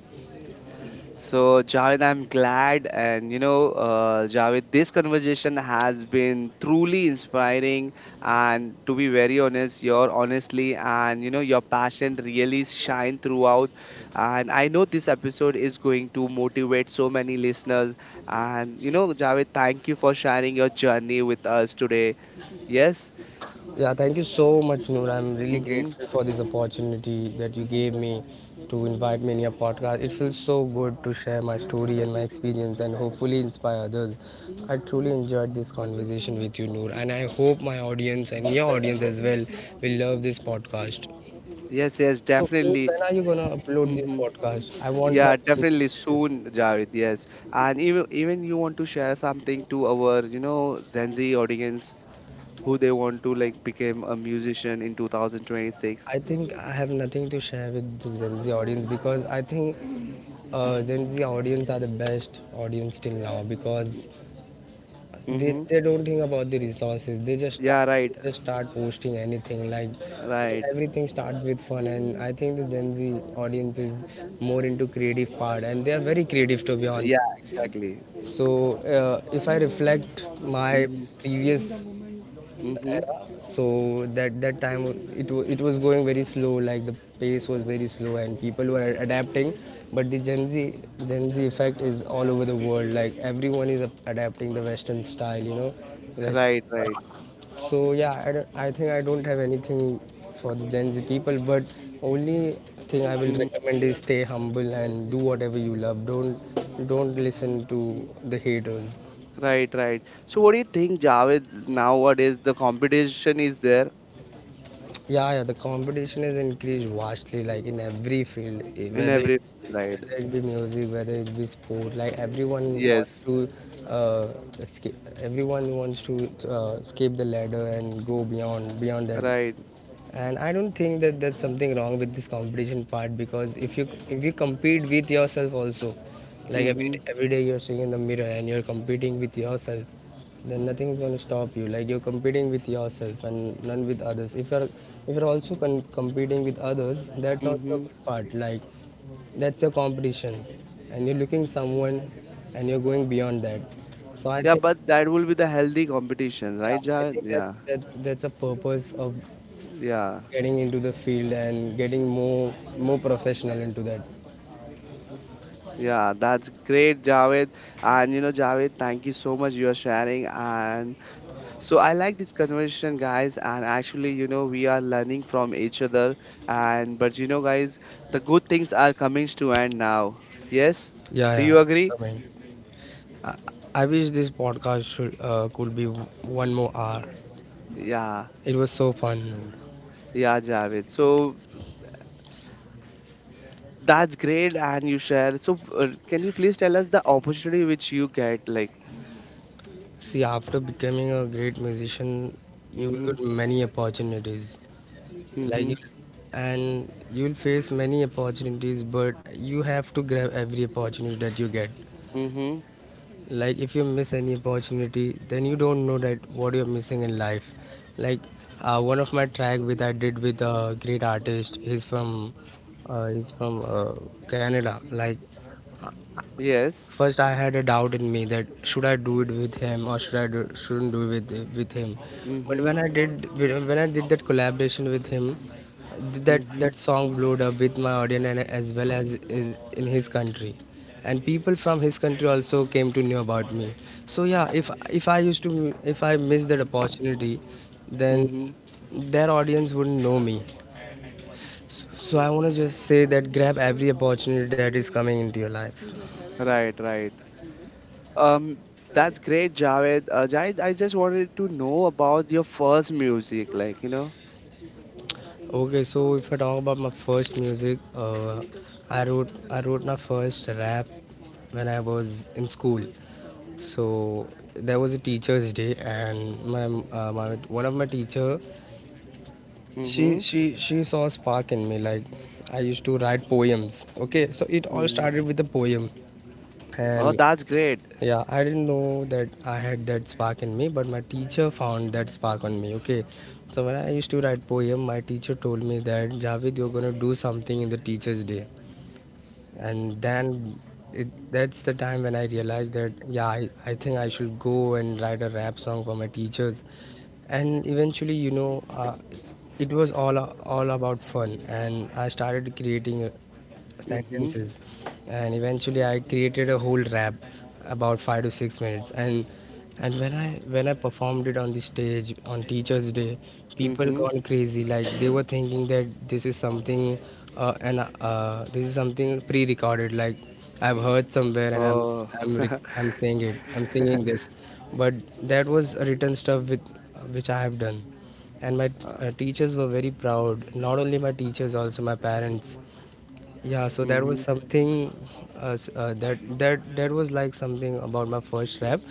Speaker 1: So, Javed, I'm glad. And you know, Javed, this conversation has been truly inspiring. And to be very honest, your honestly and your passion really shine throughout. And I know this episode is going to motivate so many listeners. And you know, Javed, thank you for sharing your journey with us today. Yes.
Speaker 2: Yeah, thank you so much, Noor. I'm really
Speaker 1: Mm-hmm.
Speaker 2: grateful for this opportunity that you gave me to invite me in your podcast. It feels so good to share my story and my experience and hopefully inspire others. I truly enjoyed this conversation with you, Noor, and I hope my audience and your audience as well will love this podcast.
Speaker 1: Yes. Yes.
Speaker 2: So, Noor,
Speaker 1: Definitely.
Speaker 2: when are you gonna upload this
Speaker 1: Mm-hmm.
Speaker 2: podcast? I want my
Speaker 1: Yeah,
Speaker 2: friends
Speaker 1: definitely
Speaker 2: to hear this.
Speaker 1: soon, Javed. Yes, and even you want to share something to our, Gen Z audience, who they want to like become a musician in 2026.
Speaker 2: I think I have nothing to share with the Gen Z audience, because I think Gen Z audience are the best audience till now, because they,
Speaker 1: Mm-hmm.
Speaker 2: they don't think about the resources.
Speaker 1: Yeah, right,
Speaker 2: They just start posting anything like
Speaker 1: right.
Speaker 2: everything starts with fun, and I think the Gen Z audience is more into creative part, and they are very creative to be honest.
Speaker 1: Yeah, exactly.
Speaker 2: So if I reflect my
Speaker 1: Mm-hmm.
Speaker 2: previous
Speaker 1: Mm-hmm.
Speaker 2: era, so that time it was going very slow, like the pace was very slow and people were adapting. But the gen z effect is all over the world, like everyone is adapting the western style, you know, West,
Speaker 1: Right, right.
Speaker 2: so yeah, I think I don't have anything for the gen z people, but only thing I will
Speaker 1: Mm-hmm.
Speaker 2: recommend is stay humble and do whatever you love. Don't listen to the haters.
Speaker 1: Right, right. So what do you think, Javed? Nowadays, the competition is there
Speaker 2: Yeah, yeah, the competition is increased vastly, like in every field, eh,
Speaker 1: in every right.
Speaker 2: whether it be music, whether it be sport, like everyone wants
Speaker 1: Yes,
Speaker 2: to, uh, escape, everyone wants to escape the ladder and go beyond that.
Speaker 1: right.
Speaker 2: And I don't think that's something wrong with this competition part, because if you compete with yourself also, like every,
Speaker 1: Mm-hmm.
Speaker 2: every day you're seeing in the mirror and you're competing with yourself, then nothing is going to stop you. Like you're competing with yourself and none with others. If you're, if you're also competing with others, that's also a
Speaker 1: Mm-hmm.
Speaker 2: good part, like that's your competition, and you're looking someone and you're going beyond that. So I
Speaker 1: Yeah,
Speaker 2: think,
Speaker 1: but that will be the healthy competition,
Speaker 2: yeah,
Speaker 1: right,
Speaker 2: I
Speaker 1: Javed?
Speaker 2: think that,
Speaker 1: Yeah,
Speaker 2: that's a purpose of
Speaker 1: yeah,
Speaker 2: getting into the field and getting more, more professional into that.
Speaker 1: yeah. That's great, Javed. And you know, Javed, thank you so much you are sharing. And so I like this conversation, guys. And actually, you know, we are learning from each other. And but you know, guys, the good things are coming to end now. Yes,
Speaker 2: Yeah,
Speaker 1: do
Speaker 2: yeah.
Speaker 1: you agree?
Speaker 2: I mean, I, I wish this podcast should could be one more hour.
Speaker 1: Yeah,
Speaker 2: It was so fun. Noor.
Speaker 1: yeah, Javed. So that's great, and you share. So can you please tell us the opportunity which you get, like?
Speaker 2: See, after becoming a great musician, you will
Speaker 1: Mm-hmm.
Speaker 2: get many opportunities. Like
Speaker 1: Mm-hmm.
Speaker 2: you, and you will face many opportunities, but you have to grab every opportunity that you get.
Speaker 1: Mm-hmm.
Speaker 2: Like if you miss any opportunity, then you don't know that what you're missing in life. Like one of my track with I did with a great artist, he's from Canada. Like
Speaker 1: Yes.
Speaker 2: first, I had a doubt in me that should I do it with him or should I do, shouldn't do it with him. But
Speaker 1: Mm-hmm.
Speaker 2: when I did that collaboration with him, that
Speaker 1: Mm-hmm.
Speaker 2: that song blew up with my audience and as well as is in his country, and people from his country also came to know about me. So yeah, if I missed that opportunity, then
Speaker 1: Mm-hmm.
Speaker 2: their audience wouldn't know me. So I want to just say that grab every opportunity that is coming into your life.
Speaker 1: Right, right. Um, that's great, Javed. Javed, I just wanted to know about your first music, like, you know.
Speaker 2: Okay, so if I talk about my first music, I wrote my first rap when I was in school. So there was a teacher's day, and my one of my teacher, she
Speaker 1: Mm-hmm.
Speaker 2: she she saw a spark in me. Like I used to write poems. Okay, so it all
Speaker 1: Mm-hmm.
Speaker 2: started with a poem,
Speaker 1: Oh,
Speaker 2: and
Speaker 1: that's great.
Speaker 2: yeah, I didn't know that I had that spark in me, but my teacher found that spark on me. Okay, so when I used to write poem, my teacher told me that Javed, you're gonna do something in the Teacher's Day, and then it, that's the time when I realized that yeah, I think I should go and write a rap song for my teachers, and eventually, you know, it was all about fun, and I started creating
Speaker 1: Mm-hmm.
Speaker 2: sentences, and eventually I created a whole rap about 5 to 6 minutes. And and when i when i performed it on the stage on teachers day, people
Speaker 1: Mm-hmm.
Speaker 2: gone crazy, like they were thinking that this is something and this is something pre-recorded, like I've heard somewhere and
Speaker 1: Oh,
Speaker 2: I'm saying it, I'm singing this. But that was a written stuff with which I have done. And my
Speaker 1: uh,
Speaker 2: teachers were very proud, not only my teachers, also my parents. Yeah, so that
Speaker 1: mm-hmm.
Speaker 2: was something that that was like something about my first rap,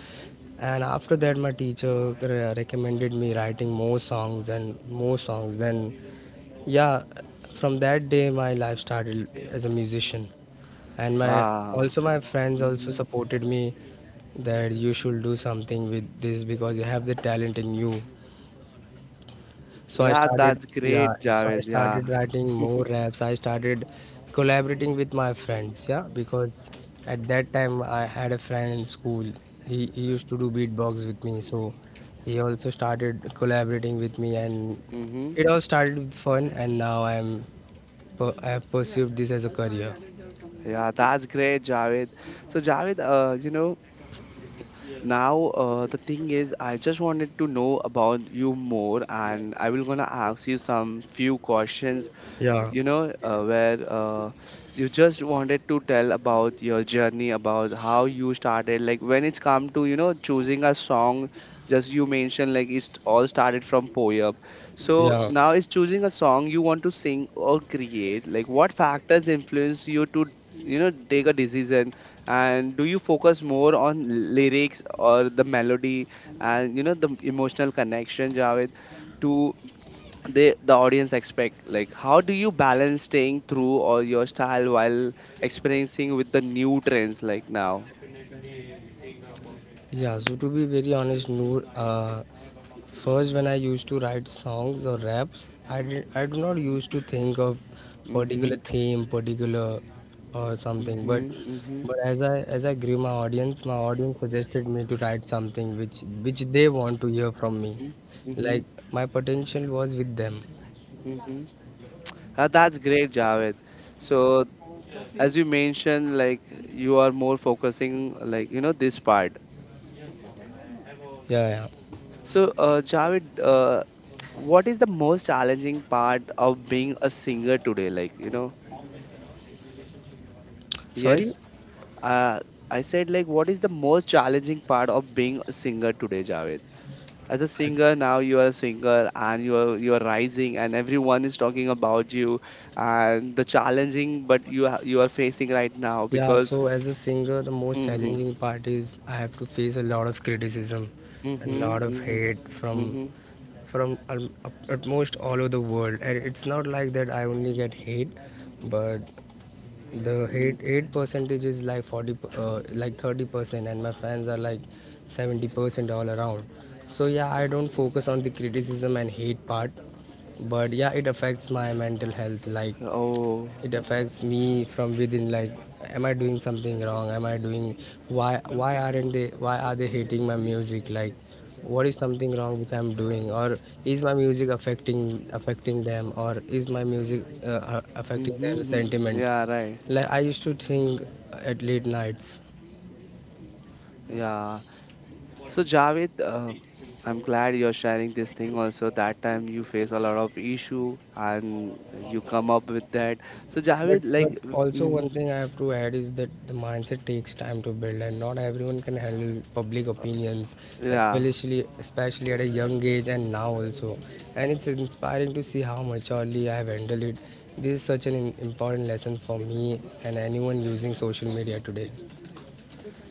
Speaker 2: and after that, my teacher recommended me writing more songs and more songs. Then, yeah, from that day, my life started as a musician, and my,
Speaker 1: Ah,
Speaker 2: also my friends also
Speaker 1: mm-hmm.
Speaker 2: supported me that you should do something with this because you have the talent in you. So I
Speaker 1: Yeah,
Speaker 2: started,
Speaker 1: that's
Speaker 2: yeah,
Speaker 1: great,
Speaker 2: so I
Speaker 1: Javed. Yeah,
Speaker 2: started writing more raps. I started collaborating with my friends, yeah, because at that time I had a friend in school. He used to do beatbox with me, so he also started collaborating with me, and
Speaker 1: mm-hmm.
Speaker 2: it all started with fun. And now I'm I have pursued this as a career.
Speaker 1: Yeah, that's great, Javed. So, Javed, you know, now, the thing is, I just wanted to know about you more, and I will gonna ask you some few questions,
Speaker 2: Yeah,
Speaker 1: you know, where you just wanted to tell about your journey, about how you started. Like when it's come to, you know, choosing a song, just you mentioned like it's all started from poem. So
Speaker 2: yeah,
Speaker 1: now it's choosing a song you want to sing or create. Like what factors influence you to, you know, take a decision? And do you focus more on lyrics or the melody, and, you know, the emotional connection, Javed? To they the audience expect, like how do you balance staying true or your style while experiencing with the new trends, like now?
Speaker 2: yeah. So to be very honest, Noor, first, when I used to write songs or raps, I do not used to think of
Speaker 1: Mm.
Speaker 2: particular theme, particular or something.
Speaker 1: Mhm. Mm. Mhm.
Speaker 2: But as I, as I grew my audience suggested me to write something which they want to hear from me.
Speaker 1: Mm. Mhm. Mm. Mhm.
Speaker 2: Like my potential was with them.
Speaker 1: Mm. Mhm. Ah, that's great, Javed. So
Speaker 2: Yeah,
Speaker 1: as you mentioned, like you are more focusing like, you know, this part.
Speaker 2: yeah.
Speaker 1: So Javed, what is the most challenging part of being a singer today, like you know?
Speaker 2: Sorry.
Speaker 1: Yes. Uh, I said, like, what is the most challenging part of being a singer today, Javed? As a singer,
Speaker 2: I-
Speaker 1: now you are a singer and you are rising, and everyone is talking about you and the challenging, but you are facing right now
Speaker 2: Yeah,
Speaker 1: because.
Speaker 2: so as a singer, the most
Speaker 1: Mm-hmm,
Speaker 2: challenging part is I have to face a lot of criticism and a
Speaker 1: mm-hmm,
Speaker 2: lot of
Speaker 1: mm-hmm,
Speaker 2: hate from,
Speaker 1: mm-hmm,
Speaker 2: from al- utmost all over the world. And it's not like that I only get hate, but the
Speaker 1: mm-hmm.
Speaker 2: hate percentage is like 40, like 30%, and my fans are like 70% all around. So yeah, I don't focus on the criticism and hate part. But yeah, it affects my mental health, like
Speaker 1: Oh,
Speaker 2: it affects me from within. Like, am I doing something wrong? Am I doing why? Why aren't they? Why are they hating my music? Like, what is something wrong which I'm doing? Or is my music affecting them? Or is my music affecting
Speaker 1: mm-hmm,
Speaker 2: their
Speaker 1: mm-hmm.
Speaker 2: sentiment?
Speaker 1: Yeah, right,
Speaker 2: Like, I used to think at late nights.
Speaker 1: yeah. So Javed, I'm glad you're sharing this thing also. That time you face a lot of issue, and you come up with that. So Javed,
Speaker 2: But
Speaker 1: like,
Speaker 2: also one
Speaker 1: mm,
Speaker 2: thing I have to add is that the mindset takes time to build, and not everyone can handle public opinions,
Speaker 1: yeah,
Speaker 2: especially at a young age and now also. And it's inspiring to see how maturely I have handled it. This is such an important lesson for me and anyone using social media today.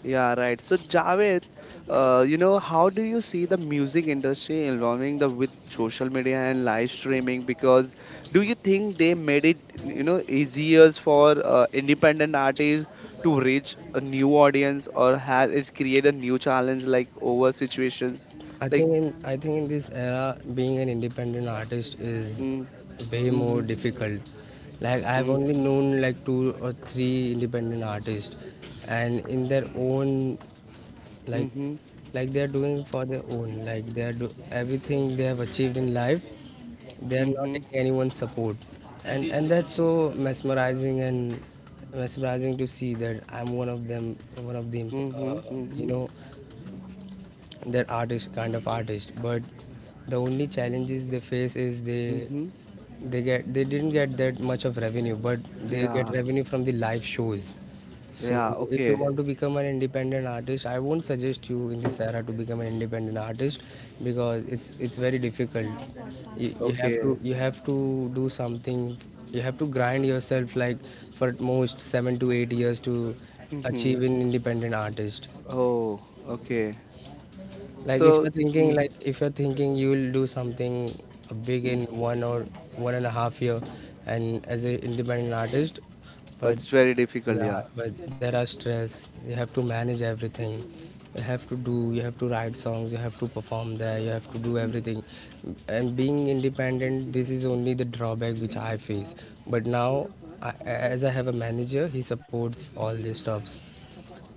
Speaker 1: yeah, right. So Javed, you know, how do you see the music industry involving the with social media and live streaming? Because do you think they made it, you know, easier for independent artists to reach a new audience, or has it created a new challenge like over situations? Like,
Speaker 2: I think in this era, being an independent artist is
Speaker 1: mm,
Speaker 2: way more
Speaker 1: mhm,
Speaker 2: difficult. Like I've
Speaker 1: mm,
Speaker 2: only known like two or three independent artists, and in their own like
Speaker 1: mhm,
Speaker 2: like they're doing for their own. Like they're do everything they have achieved in life, they're not
Speaker 1: mhm,
Speaker 2: taking anyone's support, and that's so mesmerizing and mesmerizing to see that I'm one of them, one of the
Speaker 1: mhm,
Speaker 2: you
Speaker 1: mhm,
Speaker 2: know they're artist kind of artist, but the only challenges they face is
Speaker 1: mhm.
Speaker 2: they get they didn't get that much of revenue, but they get
Speaker 1: Yeah,
Speaker 2: revenue from the live shows. So
Speaker 1: yeah,
Speaker 2: if you
Speaker 1: okay.
Speaker 2: want to become an independent artist, I won't suggest you in
Speaker 1: Mm,
Speaker 2: this era to become an independent artist, because it's very difficult. You have
Speaker 1: okay.
Speaker 2: to you have to do something, you have to grind yourself like for at most 7 to 8 years to
Speaker 1: Mhm.
Speaker 2: achieve an independent artist.
Speaker 1: Oh, okay.
Speaker 2: Like if
Speaker 1: So,
Speaker 2: you're thinking
Speaker 1: mhm,
Speaker 2: like if you're thinking you'll do something big in
Speaker 1: mhm.
Speaker 2: 1 or 1.5 year and as an independent artist,
Speaker 1: But
Speaker 2: but
Speaker 1: it's very difficult,
Speaker 2: yeah,
Speaker 1: yeah.
Speaker 2: but there are stress. You have to manage everything. You have to do. You have to write songs. You have to perform there. You have to do everything. And being independent, this is only the drawback which I face. But now, I, as I have a manager, he supports all these stuffs.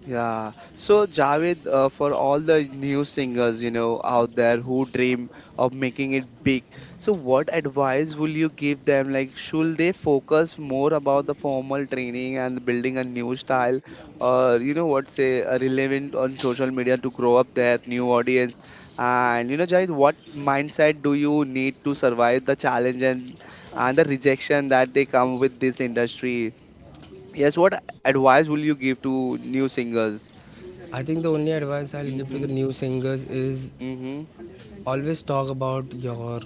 Speaker 1: Yeah. So Javed, for all the new singers, you know, out there who dream of making it big, so what advice will you give them? Like, should they focus more about the formal training and building a new style, or you know what, say, relevant on social media to grow up their new audience? And you know, Javed, what mindset do you need to survive the challenge and the rejection that they come with this industry? Yes, what advice will you give to new singers?
Speaker 2: I think the only advice I'll give to the
Speaker 1: Mhm.
Speaker 2: new singers is
Speaker 1: Mhm.
Speaker 2: always talk about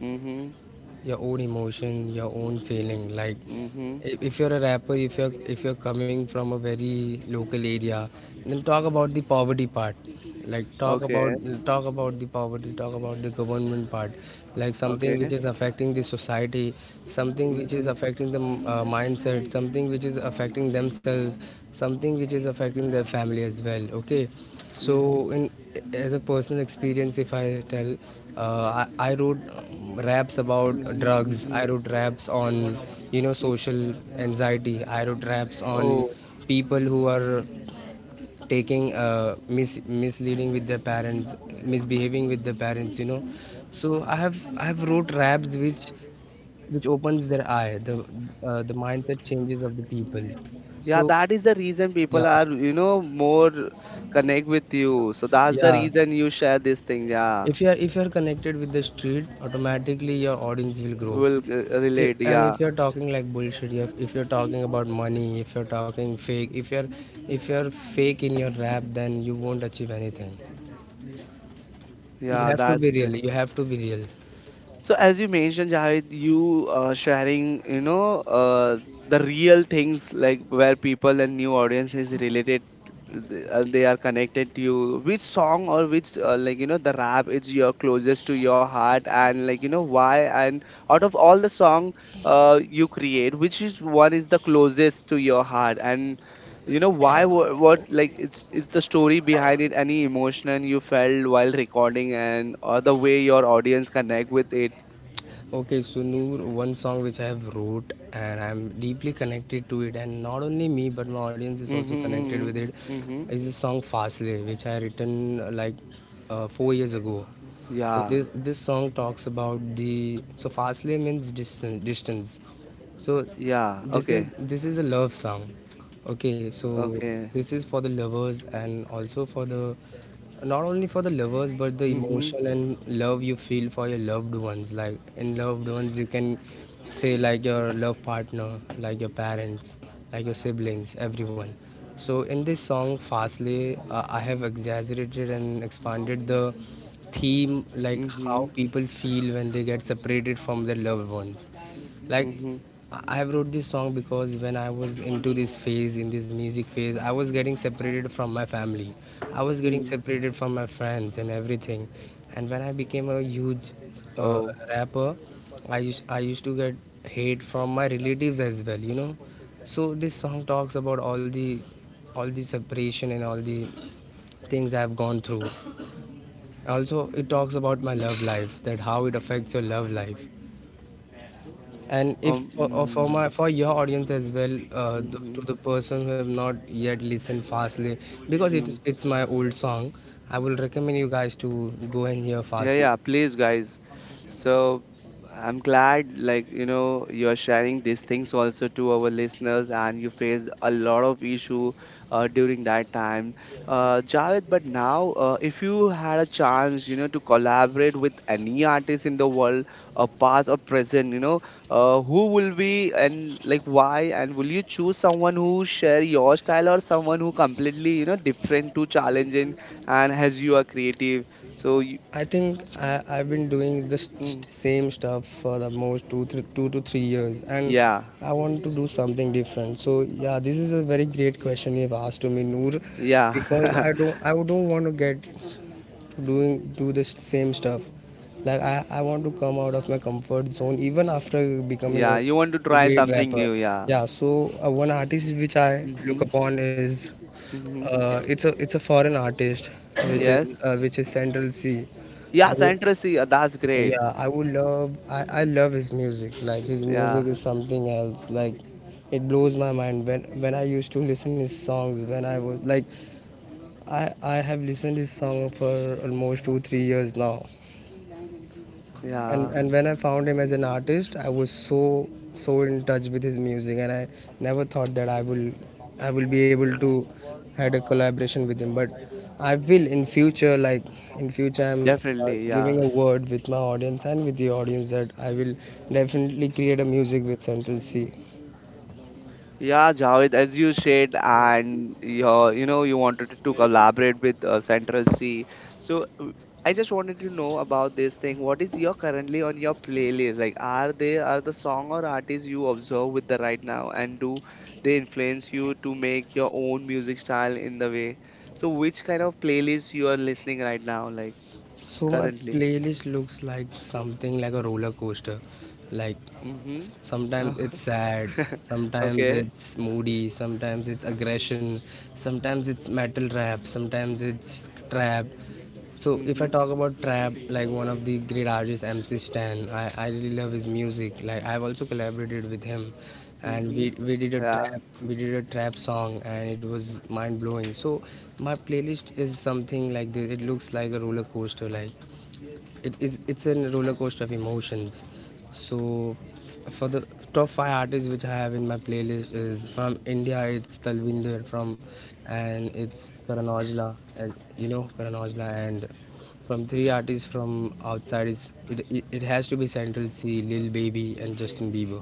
Speaker 1: Mhm.
Speaker 2: your own emotion, your own feeling. Like
Speaker 1: Mhm.
Speaker 2: if you're a rapper, if you're coming from a very local area, then talk about the poverty part. like talk
Speaker 1: Okay.
Speaker 2: about Talk about the poverty, talk about the government part, like something
Speaker 1: Okay.
Speaker 2: which is affecting the society, something which is
Speaker 1: Mhm.
Speaker 2: affecting the mindset, something which is affecting themselves, something which is affecting their family as well. Okay,
Speaker 1: Mhm.
Speaker 2: so, in as a personal experience, if I tell, I wrote raps about
Speaker 1: Mhm.
Speaker 2: drugs. I
Speaker 1: Mhm.
Speaker 2: wrote raps on, you know,
Speaker 1: Mhm.
Speaker 2: social anxiety. I wrote raps on
Speaker 1: Oh,
Speaker 2: people who are taking misleading with their parents, misbehaving with their parents. You know, so I have wrote raps which opens their eye, the mindset changes of the people.
Speaker 1: yeah,
Speaker 2: So
Speaker 1: that is the reason people
Speaker 2: yeah,
Speaker 1: are, you know, more connect with you. So that's the
Speaker 2: yeah.
Speaker 1: reason you share this thing. Yeah,
Speaker 2: If you are connected with the street, automatically your audience will grow.
Speaker 1: will relate.
Speaker 2: And
Speaker 1: Yeah,
Speaker 2: if you're talking like bullshit, if you're talking about money, if you're talking fake, if you're fake in your rap, then you won't achieve anything. You
Speaker 1: yeah,
Speaker 2: have to
Speaker 1: that's
Speaker 2: be
Speaker 1: great.
Speaker 2: real, you have to be real.
Speaker 1: So as you mentioned, Javed, you sharing, you know, the real things like where people and new audience is related, they are connected to you. Which song or which like you know the rap is your closest to your heart, and like you know why? And out of all the song you create, which is one is the closest to your heart, and you know why? What like it's the story behind it? Any emotion you felt while recording, and or the way your audience connect with it.
Speaker 2: Okay, so Noor, one song which I have wrote and I'm deeply connected to it, and not only me but my audience is also
Speaker 1: Mhm,
Speaker 2: connected with
Speaker 1: mhm,
Speaker 2: it,
Speaker 1: mhm.
Speaker 2: is the song Fasle, which I written like 4 years ago. So
Speaker 1: Yeah,
Speaker 2: this song talks about the so Fasle means distance distance. So
Speaker 1: yeah. Okay,
Speaker 2: this is a love song. Okay, so
Speaker 1: okay.
Speaker 2: this is for the lovers and also for the not only for the lovers, but the
Speaker 1: Mhm,
Speaker 2: emotional and love you feel for your loved ones. Like in loved ones, you can say like your love partner, like your parents, like your siblings, everyone. So in this song Fastly, I have exaggerated and expanded the theme, like how
Speaker 1: mhm,
Speaker 2: people feel when they get separated from their loved ones. like i
Speaker 1: mhm,
Speaker 2: I have wrote this song because when I was into this phase, in this music phase, I was getting separated from my family, I was getting
Speaker 1: mm.
Speaker 2: separated from my friends and everything. And when I became a huge uh,
Speaker 1: Oh,
Speaker 2: rapper, I used to get hate from my relatives as well, you know. So this song talks about all the separation and all the things I've gone through. Also, it talks about my love life, that how it affects your love life. And if for, for my
Speaker 1: mm,
Speaker 2: for your audience as well, to
Speaker 1: mhm,
Speaker 2: the person who have not yet listened fastly, because
Speaker 1: mm.
Speaker 2: it's my old song, I will recommend you guys to go and hear
Speaker 1: Yeah,
Speaker 2: fastly.
Speaker 1: yeah, please, guys. So I'm glad, like, you know, you're sharing these things also to our listeners, and you faced a lot of issue during that time, Javed. But now, if you had a chance, you know, to collaborate with any artist in the world, past or present, you know, who will be and like why, and will you choose someone who share your style or someone who completely, you know, different to challenging and as you are creative? So
Speaker 2: I think I've been doing the
Speaker 1: Mm.
Speaker 2: same stuff for the most two, three, 2 to 3 years, and
Speaker 1: Yeah.
Speaker 2: I want to do something different. So yeah, this is a very great question you've asked to me, Noor, because
Speaker 1: Yeah.
Speaker 2: I don't want to get doing do the same stuff. Like I want to come out of my comfort zone even after becoming
Speaker 1: Yeah. You want to
Speaker 2: a
Speaker 1: try
Speaker 2: great
Speaker 1: something
Speaker 2: rapper.
Speaker 1: new. Yeah.
Speaker 2: Yeah, so one artist which I look
Speaker 1: Mm-hmm.
Speaker 2: upon is
Speaker 1: Mm-hmm.
Speaker 2: it's a foreign artist which is
Speaker 1: Yes.
Speaker 2: Central C. I
Speaker 1: Yeah.
Speaker 2: would
Speaker 1: Central C. That's great.
Speaker 2: yeah I would love I love his music. Like his music
Speaker 1: Yeah.
Speaker 2: is something else. Like it blows my mind when I used to listen his songs when I was like I have listened his song for almost 2 3 years now.
Speaker 1: Yeah.
Speaker 2: And when I found him as an artist, I was so so in touch with his music, and I never thought that I will be able to had a collaboration with him. But I will in future, like in future, I'm
Speaker 1: Definitely. Yeah.
Speaker 2: giving a word with my audience and with the audience that I will definitely create a music with Central C.
Speaker 1: Yeah, Javed, as you said, and your, you know, you wanted to collaborate with Central C. So I just wanted to know about this thing. What is your currently on your playlist? Like, are they are the song or artists you observe with the right now, and do they influence you to make your own music style in the way? So which kind of playlist you are listening right now, like
Speaker 2: So my
Speaker 1: currently?
Speaker 2: playlist looks like something like a roller coaster. Like
Speaker 1: Mm-hmm.
Speaker 2: sometimes it's sad, sometimes
Speaker 1: Okay.
Speaker 2: it's moody, sometimes it's aggression, sometimes it's metal rap, sometimes it's trap. So if I
Speaker 1: Mm-hmm.
Speaker 2: talk about trap, like one of the great artists, MC Stan, I really love his music. Like I've also collaborated with him, and
Speaker 1: Mm-hmm. Yeah.
Speaker 2: we did a trap song, and it was mind blowing. So my playlist is something like this. It looks like a roller coaster. Like it's a roller coaster of emotions. So for the top five artists which I have in my playlist is from India, it's Talvinder from, and it's Karan Aujla, and you know Karan Aujla, and from three artists from outside is it has to be Central C, Lil Baby, and Justin Bieber.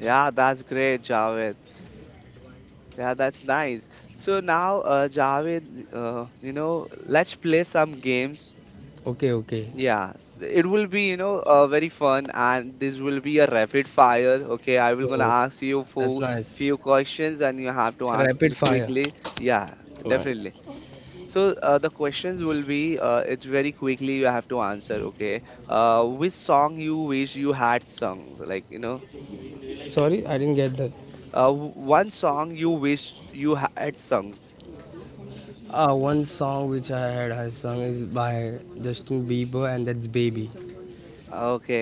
Speaker 1: Yeah, that's great, Javed. Yeah, that's nice. So now, Javed, you know, let's play some games.
Speaker 2: Okay, okay,
Speaker 1: Yeah, it will be, you know, very fun, and this will be a rapid fire. Okay, I will gonna
Speaker 2: so
Speaker 1: ask you
Speaker 2: that's
Speaker 1: for
Speaker 2: nice.
Speaker 1: few questions, and you have to
Speaker 2: Rapid
Speaker 1: answer
Speaker 2: fire,
Speaker 1: quickly. Yeah,
Speaker 2: nice.
Speaker 1: definitely. So the questions will be, it's very quickly you have to answer. Okay, which song you wish you had sung? Like, you know,
Speaker 2: Sorry, I didn't get that.
Speaker 1: one song you wish you had sung.
Speaker 2: One song which I had I sung is by Justin Bieber, and that's Baby.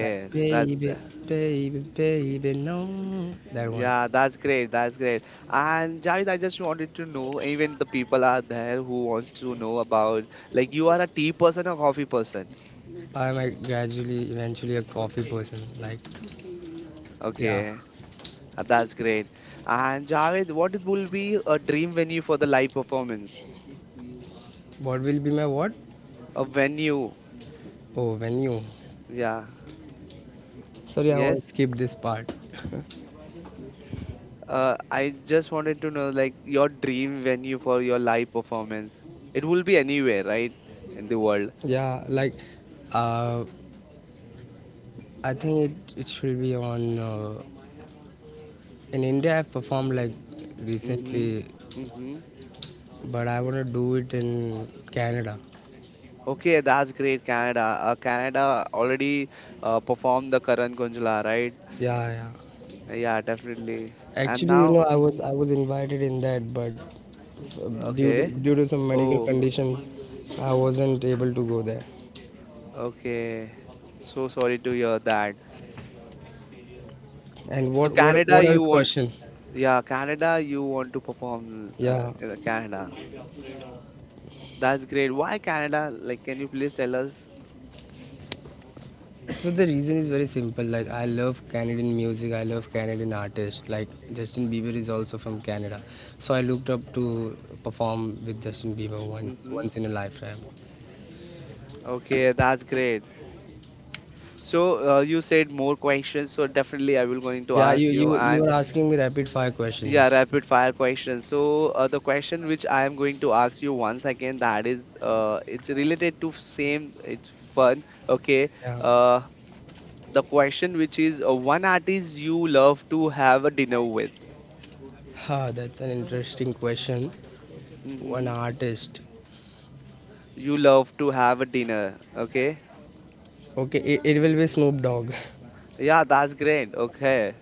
Speaker 2: Like
Speaker 1: that
Speaker 2: baby, baby, baby, no. That one.
Speaker 1: yeah, that's great. That's great. And Javed, I just wanted to know, even the people are there who wants to know about like you are a tea person or coffee person.
Speaker 2: I'm a gradually, eventually a coffee person. Like, yeah.
Speaker 1: Okay, that's great. And Javed, what will be a dream venue for the live performance?
Speaker 2: What will be my what?
Speaker 1: A venue,
Speaker 2: Oh, venue.
Speaker 1: yeah,
Speaker 2: Sorry, I want to
Speaker 1: yes.
Speaker 2: skip this part.
Speaker 1: I just wanted to know like your dream venue for your live performance. It will be anywhere, right, in the world.
Speaker 2: Yeah, like, uh, I think it should be on. In India, I performed like
Speaker 1: Mm-hmm.
Speaker 2: recently,
Speaker 1: Mm-hmm.
Speaker 2: but I want to do it in Canada.
Speaker 1: Okay, that's great, Canada. Canada already performed the Karan Gunjla, right?
Speaker 2: Yeah, yeah.
Speaker 1: Yeah, definitely. And
Speaker 2: Actually, you know,
Speaker 1: now, hmm,
Speaker 2: I was invited in that, but uh,
Speaker 1: okay.
Speaker 2: due to some medical
Speaker 1: Oh,
Speaker 2: conditions, I wasn't able to go there.
Speaker 1: okay. So sorry to hear that.
Speaker 2: And
Speaker 1: So Canada,
Speaker 2: what
Speaker 1: you
Speaker 2: else
Speaker 1: want,
Speaker 2: question?
Speaker 1: yeah, Canada, you want to perform
Speaker 2: Yeah.
Speaker 1: in Canada. That's great. Why Canada? Like, can you please tell us?
Speaker 2: So the reason is very simple. Like I love Canadian music. I love Canadian artists. Like Justin Bieber is also from Canada, so I looked up to perform with Justin Bieber
Speaker 1: Mm-hmm.
Speaker 2: once in a lifetime.
Speaker 1: Okay, that's great. So you said more questions, so definitely I will going to
Speaker 2: Yeah,
Speaker 1: ask you.
Speaker 2: you
Speaker 1: And
Speaker 2: were asking me rapid fire questions.
Speaker 1: yeah, rapid fire question. So the question which I am going to ask you once again that is it's related to same it's fun. Okay.
Speaker 2: Yeah.
Speaker 1: Uh, the question which is one artist you love to have a dinner with.
Speaker 2: Ha, that's an interesting question. One
Speaker 1: Mm-hmm.
Speaker 2: artist.
Speaker 1: You love to have a dinner. Okay.
Speaker 2: Okay, it will be Snoop Dogg.
Speaker 1: Yeah, that's great. Okay.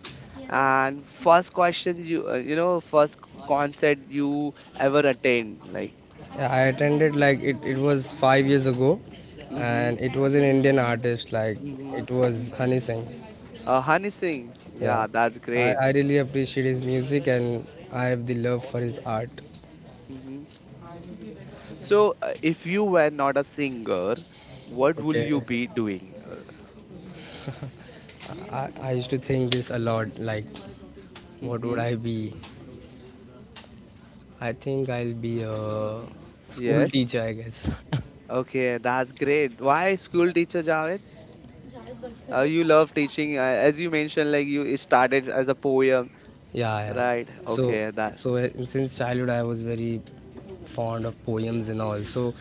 Speaker 1: And first question you you know first concert you ever attend like.
Speaker 2: Yeah, I attended like it was 5 years ago,
Speaker 1: Mm-hmm.
Speaker 2: and it was an Indian artist, like
Speaker 1: Mm-hmm.
Speaker 2: it was Honey Singh.
Speaker 1: Honey Singh.
Speaker 2: Yeah.
Speaker 1: Yeah, that's great.
Speaker 2: I really appreciate his music, and I have the love for his art.
Speaker 1: Mm-hmm. So, if you were not a singer, what will
Speaker 2: Okay.
Speaker 1: you be doing?
Speaker 2: I used to think this a lot, like what would
Speaker 1: Hmm
Speaker 2: I be? I think I'll be a school
Speaker 1: Yes.
Speaker 2: teacher, I guess.
Speaker 1: Okay, that's great. Why school teacher, Javed? You love teaching, as you mentioned, like you it started as a poem,
Speaker 2: Yeah, yeah.
Speaker 1: right?
Speaker 2: So
Speaker 1: Okay, that
Speaker 2: so since childhood I was very fond of poems and all. So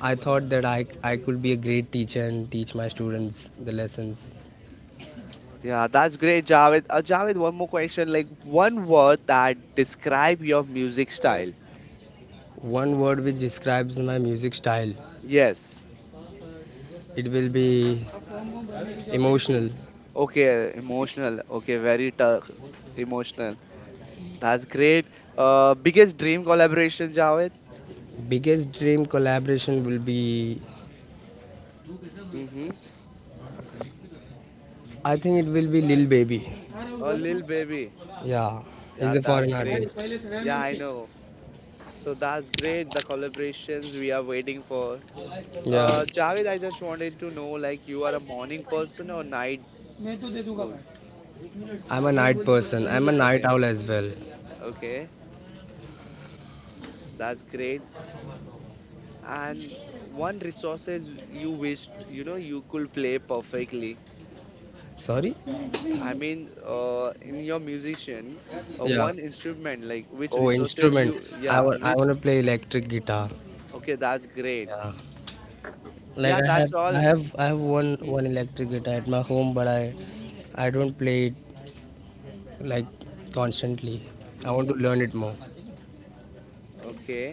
Speaker 2: I thought that I could be a great teacher and teach my students the lessons.
Speaker 1: yeah, that's great, Javed. Javed, one more question, like one word that describe your music style.
Speaker 2: One word which describes my music style,
Speaker 1: Yes.
Speaker 2: it will be emotional.
Speaker 1: Okay, emotional. Okay, very tough. Emotional. That's great. Biggest dream collaboration, Javed.
Speaker 2: Biggest dream collaboration will be,
Speaker 1: Mm-hmm.
Speaker 2: I think it will be Lil Baby.
Speaker 1: Oh, Lil Baby.
Speaker 2: Yeah, he's
Speaker 1: Yeah,
Speaker 2: a
Speaker 1: that's
Speaker 2: foreign
Speaker 1: great.
Speaker 2: artist.
Speaker 1: Yeah, I know. So that's great. The collaborations we are waiting for.
Speaker 2: Yeah,
Speaker 1: Javed, I just wanted to know, like, you are a morning person or night? wo-
Speaker 2: I'm a night person. I'm a night
Speaker 1: Okay,
Speaker 2: owl as well.
Speaker 1: okay, that's great. And one resources you wished, you know, you could play perfectly.
Speaker 2: Sorry?
Speaker 1: I mean, in your musician,
Speaker 2: Yeah.
Speaker 1: one instrument, like which
Speaker 2: Oh,
Speaker 1: resources
Speaker 2: instrument.
Speaker 1: you, yeah,
Speaker 2: I
Speaker 1: which.
Speaker 2: want to play electric guitar.
Speaker 1: Okay, that's great.
Speaker 2: Yeah. Like
Speaker 1: Yeah, that's all.
Speaker 2: I have one
Speaker 1: Mm-hmm.
Speaker 2: one electric guitar at my home, but I don't play it like constantly. I want to
Speaker 1: Mm-hmm.
Speaker 2: learn it more.
Speaker 1: Okay,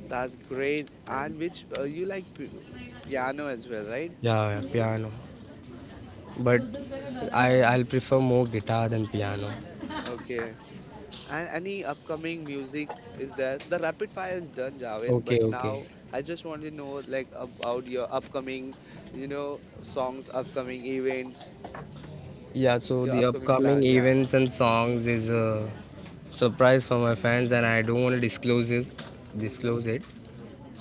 Speaker 1: that's great. And which you like piano as well, right?
Speaker 2: Yeah, yeah, piano. But I'll prefer more guitar than piano.
Speaker 1: Okay. And any upcoming music is there? The rapid fire is done, Javed, but
Speaker 2: Okay,
Speaker 1: now
Speaker 2: okay.
Speaker 1: I just want to know like about your upcoming, you know, songs, upcoming events,
Speaker 2: Yeah. So
Speaker 1: your
Speaker 2: the
Speaker 1: upcoming plan.
Speaker 2: upcoming
Speaker 1: Yeah.
Speaker 2: events and songs is a surprise for my fans, and I don't want to disclose it.
Speaker 1: Mm-hmm.
Speaker 2: Disclose it.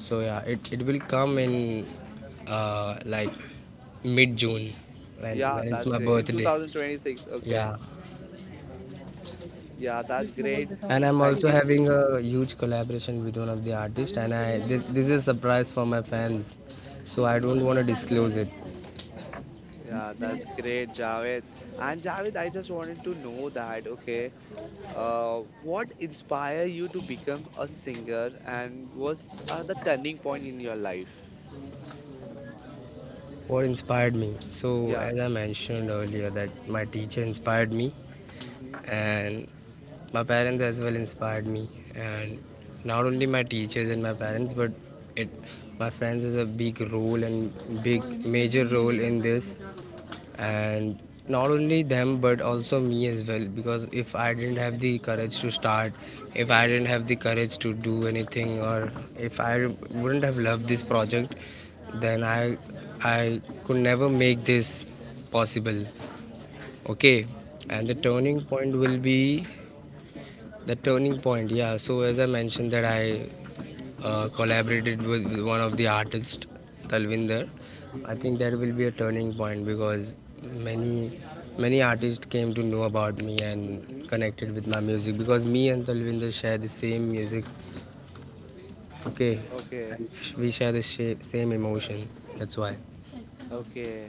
Speaker 2: So yeah, it will come in, like mid
Speaker 1: Mm-hmm.
Speaker 2: June,
Speaker 1: Yeah,
Speaker 2: when it's
Speaker 1: that's
Speaker 2: my
Speaker 1: great. In
Speaker 2: birthday.
Speaker 1: 2026. Okay.
Speaker 2: Yeah.
Speaker 1: Yeah, that's great.
Speaker 2: And I'm
Speaker 1: Thank
Speaker 2: also
Speaker 1: you.
Speaker 2: having
Speaker 1: Mm-hmm.
Speaker 2: a huge collaboration with one of the artists, and this is a surprise for my fans, so I
Speaker 1: Mm-hmm.
Speaker 2: don't want to disclose it.
Speaker 1: Yeah, that's great, Javed. And Javed, I just wanted to know that, okay, what inspired you to become a singer and was are the turning point in your life?
Speaker 2: What inspired me? So
Speaker 1: Yeah.
Speaker 2: as I mentioned earlier, that my teacher inspired me,
Speaker 1: Mm-hmm.
Speaker 2: and my parents as well inspired me. And not only my teachers and my
Speaker 1: Mm-hmm.
Speaker 2: parents, but it my friends has a big role and big major role in this. And not only them but also me as well, because if I didn't have the courage to start, if I didn't have the courage to do anything, or if I wouldn't have loved this project, then I could never make this possible. Okay. And the turning
Speaker 1: Mm-hmm.
Speaker 2: point will be, the turning point, yeah, so as I mentioned that i
Speaker 1: Mm-hmm.
Speaker 2: uh, collaborated with one of the artists, Talvinder. I
Speaker 1: Mm-hmm.
Speaker 2: think that will be a turning point, because many many artists came to know about me
Speaker 1: Mm-hmm.
Speaker 2: and connected with my music, because me and Talvinder share the same music.
Speaker 1: Mm,
Speaker 2: Okay,
Speaker 1: okay.
Speaker 2: and we share the same emotion. That's why.
Speaker 1: Okay.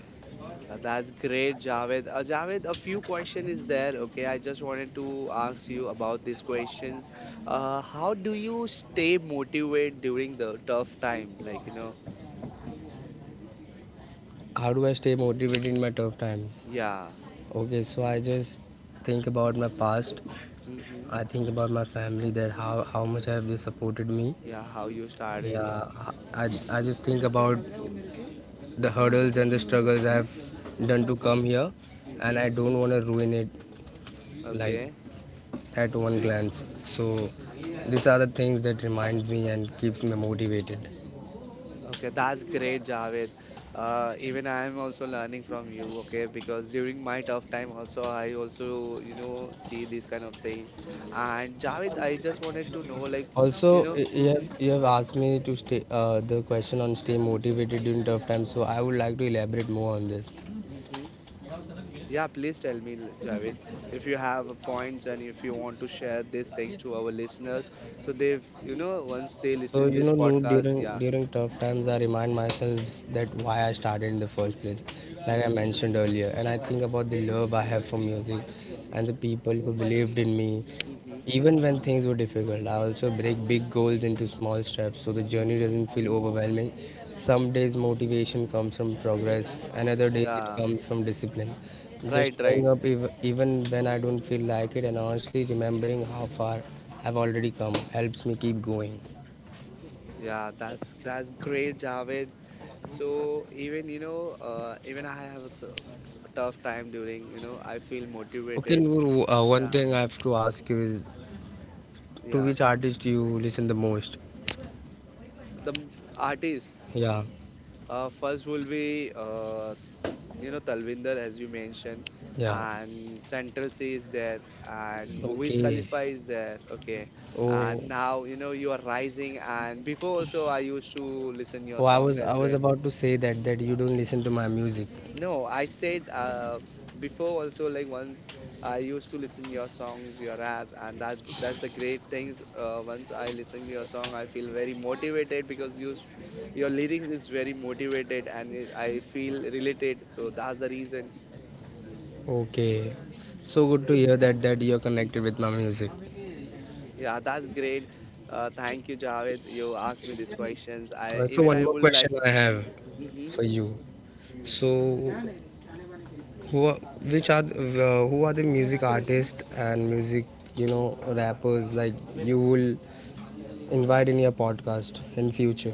Speaker 1: That's great, Javed. Javed, a few question is there. Okay, I just wanted to ask you about these questions. How do you stay motivated during the tough time? Like, you know,
Speaker 2: How do I stay motivated in my tough times?
Speaker 1: yeah.
Speaker 2: Okay, so I just think about my past.
Speaker 1: Mm-hmm.
Speaker 2: I think about my family, that how much have they supported me.
Speaker 1: Yeah, how you started, yeah.
Speaker 2: Yeah, I I just think about the hurdles and the struggles I have done to
Speaker 1: Mm-hmm.
Speaker 2: come here, and
Speaker 1: Mm-hmm.
Speaker 2: I don't want to ruin it, like,
Speaker 1: Okay,
Speaker 2: at one glance. So these are the things that reminds me and keeps me motivated.
Speaker 1: okay, that's great, Javed. Even I am also learning from you, okay, because during my tough time also I also you know see these kind of things. And Javed, I just wanted to know, like, you
Speaker 2: Also,
Speaker 1: know, hmm,
Speaker 2: you have asked me to stay the question on stay motivated during tough times. So I would like to elaborate more on this.
Speaker 1: hmm, yeah, please tell me, Javed, if you have points and if you want to share these things to our listeners, so they've you know once they
Speaker 2: So
Speaker 1: listen
Speaker 2: you
Speaker 1: this
Speaker 2: know, Noor,
Speaker 1: podcast, yeah,
Speaker 2: during tough times, I remind myself that why I started in the first place, like I
Speaker 1: hmm,
Speaker 2: mentioned earlier, and I think about the love I have for music, and the people who believed in me,
Speaker 1: hmm, hmm,
Speaker 2: even when things were difficult. I also break big goals into small steps, so the journey doesn't feel overwhelming. Some days motivation comes from progress, and other days it
Speaker 1: yeah,
Speaker 2: comes from discipline.
Speaker 1: right,
Speaker 2: Just
Speaker 1: right.
Speaker 2: showing up, even when I don't feel like it, and honestly remembering how far I've already come helps me keep going.
Speaker 1: Yeah, that's great, Javed. So even you know, even I have some tough time during you know I feel
Speaker 2: Okay,
Speaker 1: motivated.
Speaker 2: Noor, one
Speaker 1: Yeah,
Speaker 2: thing I have to ask you is, to
Speaker 1: yeah.
Speaker 2: which artist do you listen the most?
Speaker 1: The artist
Speaker 2: Yeah,
Speaker 1: first will be you know Talvinder as you mentioned,
Speaker 2: yeah.
Speaker 1: and Central C is there, and Wiz
Speaker 2: Okay.
Speaker 1: Khalifa is there. Okay,
Speaker 2: Oh,
Speaker 1: and now you know you are rising, and before also I used to listen your
Speaker 2: oh,
Speaker 1: song as
Speaker 2: I was
Speaker 1: well.
Speaker 2: about to say that you don't listen to my music.
Speaker 1: No, I said before also like once I used to listen your songs, your rap, and that's the great things. Once I listen to your song, I feel very motivated because you, your lyrics is very motivated and it, I feel related. So that's the reason.
Speaker 2: Okay. So good
Speaker 1: So
Speaker 2: to hear that you're connected with my music.
Speaker 1: yeah, that's great. Thank you, Javed. You asked me these questions. I
Speaker 2: So
Speaker 1: even I
Speaker 2: one more
Speaker 1: would like.
Speaker 2: question I have
Speaker 1: Mm-hmm.
Speaker 2: for you. So who are, which are the- who are the music artists and music, you know, rappers like you will invite in your podcast in future?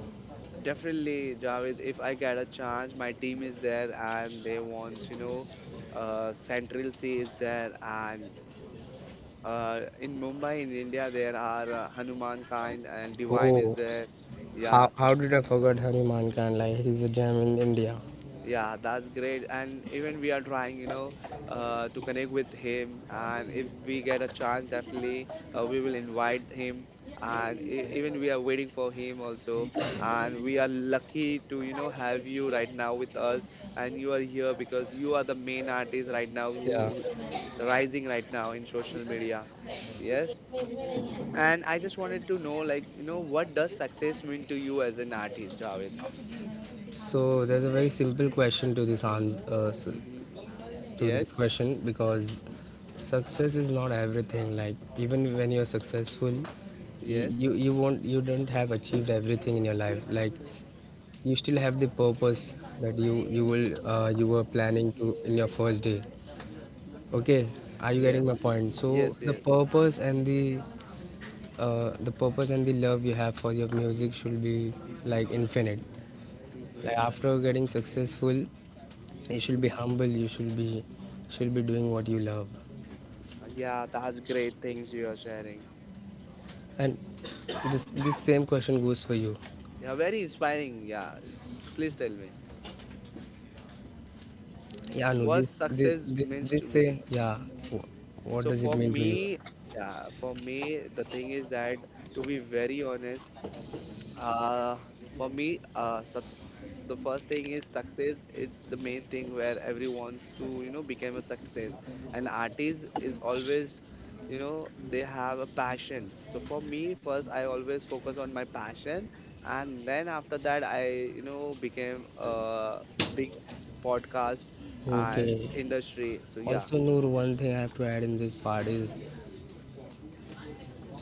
Speaker 1: Definitely, Javed. If I get a chance, my team is there and they want you know, Central C is there. And in Mumbai, in India, there are Hanuman kind and Divine is
Speaker 2: Oh,
Speaker 1: there. Yeah.
Speaker 2: how did I forget Hanuman Kandlai? He's a gem in India.
Speaker 1: Yeah, that's great. And even we are trying, you know, to connect with him. And if we get a chance, definitely we will invite him. And even we are waiting for him also. And we are lucky to, you know, have you right now with us. And you are here because you are the main artist right now
Speaker 2: Yeah.
Speaker 1: who rising right now in social media. Yes. And I just wanted to know, like, you know, what does success mean to you as an artist, Javed?
Speaker 2: So there's a very simple question to this
Speaker 1: Hmm.
Speaker 2: to this
Speaker 1: Yes.
Speaker 2: question, because success is not everything. Like, even when you're successful,
Speaker 1: Yes.
Speaker 2: you don't have achieved everything in your life. Like, you still have the purpose that you will you were planning
Speaker 1: Mm-hmm.
Speaker 2: to in your first day. Okay, are you
Speaker 1: Yes,
Speaker 2: getting my point? So
Speaker 1: yes, yes.
Speaker 2: the purpose and the love you have for your music should be, like, infinite. Like,
Speaker 1: Mm-hmm.
Speaker 2: after getting successful, you should be
Speaker 1: Mm-hmm.
Speaker 2: humble, you should be, should be doing what you love.
Speaker 1: Yeah, that's great things you are sharing.
Speaker 2: And this same question goes for you.
Speaker 1: Yeah, very inspiring. Yeah, please tell me
Speaker 2: Yeah, no,
Speaker 1: what success means
Speaker 2: this
Speaker 1: to me.
Speaker 2: same, yeah, what
Speaker 1: So
Speaker 2: does
Speaker 1: for
Speaker 2: it mean to you?
Speaker 1: me, yeah, for me the thing is that to be very honest, Uh, for me, subs the first thing is success. It's the main thing where everyone to you know become a success. An artist is always, you know, they have a passion. So for me, first I always focus on my passion, and then after that I you know became a big podcast and
Speaker 2: Okay,
Speaker 1: industry. So yeah,
Speaker 2: also Noor, one thing I have to add in this part is,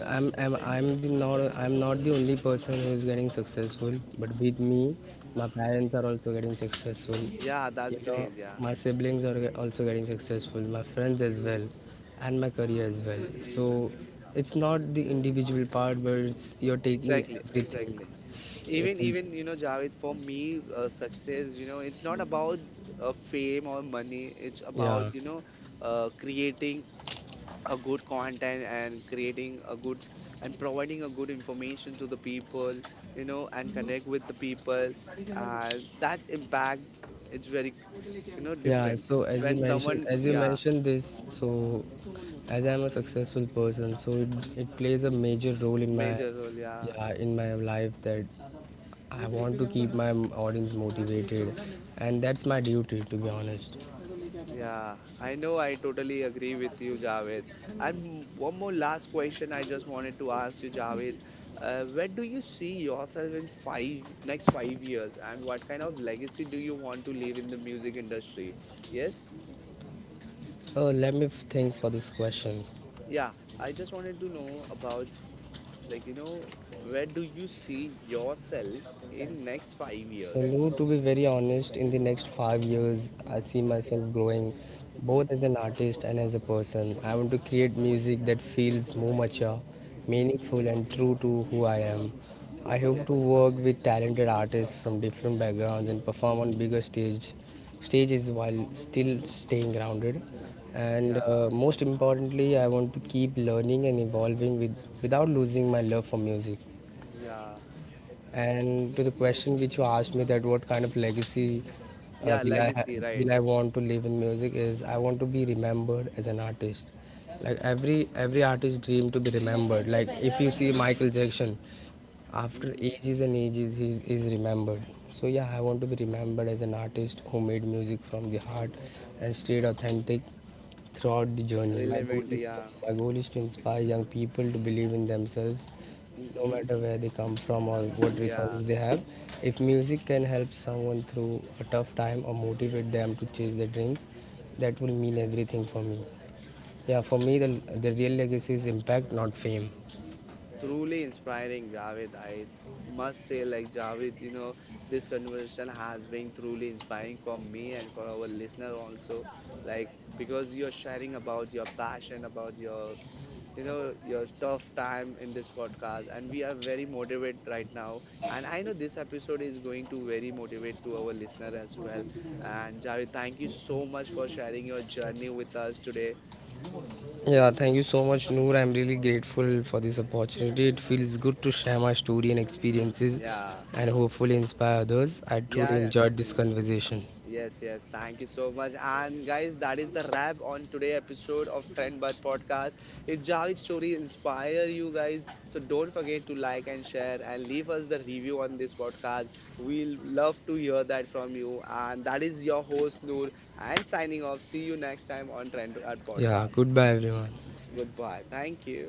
Speaker 2: I'm not the only person who is getting successful, but with me, my parents are also getting successful.
Speaker 1: yeah, that's
Speaker 2: You
Speaker 1: great.
Speaker 2: know,
Speaker 1: Yeah,
Speaker 2: my siblings are also getting successful, my friends as well, and my career as well. So it's not the individual part, but it's, you're taking
Speaker 1: exactly,
Speaker 2: everything.
Speaker 1: exactly. Even
Speaker 2: It-
Speaker 1: even you know Javed for me success you know it's not about fame or money it's about
Speaker 2: yeah.
Speaker 1: you know creating a good content and creating a good and providing a good information to the people you know and connect with the people and that's impact it's very you know
Speaker 2: Yeah,
Speaker 1: different
Speaker 2: so
Speaker 1: when someone
Speaker 2: as you
Speaker 1: yeah
Speaker 2: mentioned this, so as I'm a successful person, so it plays a major role in my,
Speaker 1: major role yeah.
Speaker 2: yeah, in my life, that I want to keep my audience motivated, and that's my duty, to be honest.
Speaker 1: Yeah, I know I totally agree with you, Javed. And one more last question I just wanted to ask you, Javed. Where do you see yourself in five next 5 years, and what kind of legacy do you want to leave in the music industry? Yes,
Speaker 2: Let me think for this question.
Speaker 1: yeah. I just wanted to know about like you know where do you see yourself in next 5 years?
Speaker 2: Hello, to be very honest, in the next 5 years, I see myself growing both
Speaker 1: Mm-hmm,
Speaker 2: as an artist and as a person. I want to create music that feels more mature,
Speaker 1: mm-hmm,
Speaker 2: meaningful, and true to who I am. I hope to
Speaker 1: yes,
Speaker 2: work with talented artists from different backgrounds and perform on
Speaker 1: mm-hmm,
Speaker 2: bigger stages while still staying grounded. And
Speaker 1: yeah,
Speaker 2: most importantly, I want to keep learning and evolving without losing my love for music.
Speaker 1: yeah,
Speaker 2: And to the question which you asked me, that what kind of legacy
Speaker 1: yeah.
Speaker 2: uh, will I ha
Speaker 1: Legacy, right?
Speaker 2: will I want to leave in music, is I want to be remembered as an artist. Like, every artist dream to be remembered. Like, if you see Michael Jackson, after
Speaker 1: Mm-hmm,
Speaker 2: ages and ages he is remembered. So yeah, I want to be remembered as an artist who made music from the heart and stayed authentic throughout the journey.
Speaker 1: relevant yeah.
Speaker 2: My goal is to inspire young people to believe in themselves, no
Speaker 1: Mm-hmm.
Speaker 2: matter where they come from or what
Speaker 1: Yeah,
Speaker 2: resources they have. If music can help someone through a tough time or motivate them to chase their dreams, that will mean everything for me. Yeah, for me, the real legacy is impact, not fame.
Speaker 1: truly inspiring, Javed. I must say, like, Javed, you know, this conversation has been truly inspiring for me and for our listener also. Like, because you're sharing about your passion, about your, you know, your tough time in this podcast, and we are very motivated right now. And I know this episode is going to very motivate to our listener as well. And Javed, thank you so much for sharing your journey with us today.
Speaker 2: Yeah, thank you so much, Noor. I'm really grateful for this opportunity. It feels good to share my story and
Speaker 1: Mm.
Speaker 2: experiences
Speaker 1: Yeah,
Speaker 2: and hopefully inspire others. I
Speaker 1: yeah,
Speaker 2: truly
Speaker 1: yeah,
Speaker 2: enjoyed this
Speaker 1: definitely.
Speaker 2: conversation.
Speaker 1: Yes, yes. Thank you so much. And guys, that is the wrap on today episode of Trend Bud Podcast. If Javid's story inspire you guys, so don't forget to like and share and leave us the review on this podcast. We'll love to hear that from you. And that is your host Noor and signing off. See you next time on Trend Bud
Speaker 2: Yeah,
Speaker 1: Podcast.
Speaker 2: goodbye, everyone.
Speaker 1: Goodbye. Thank you.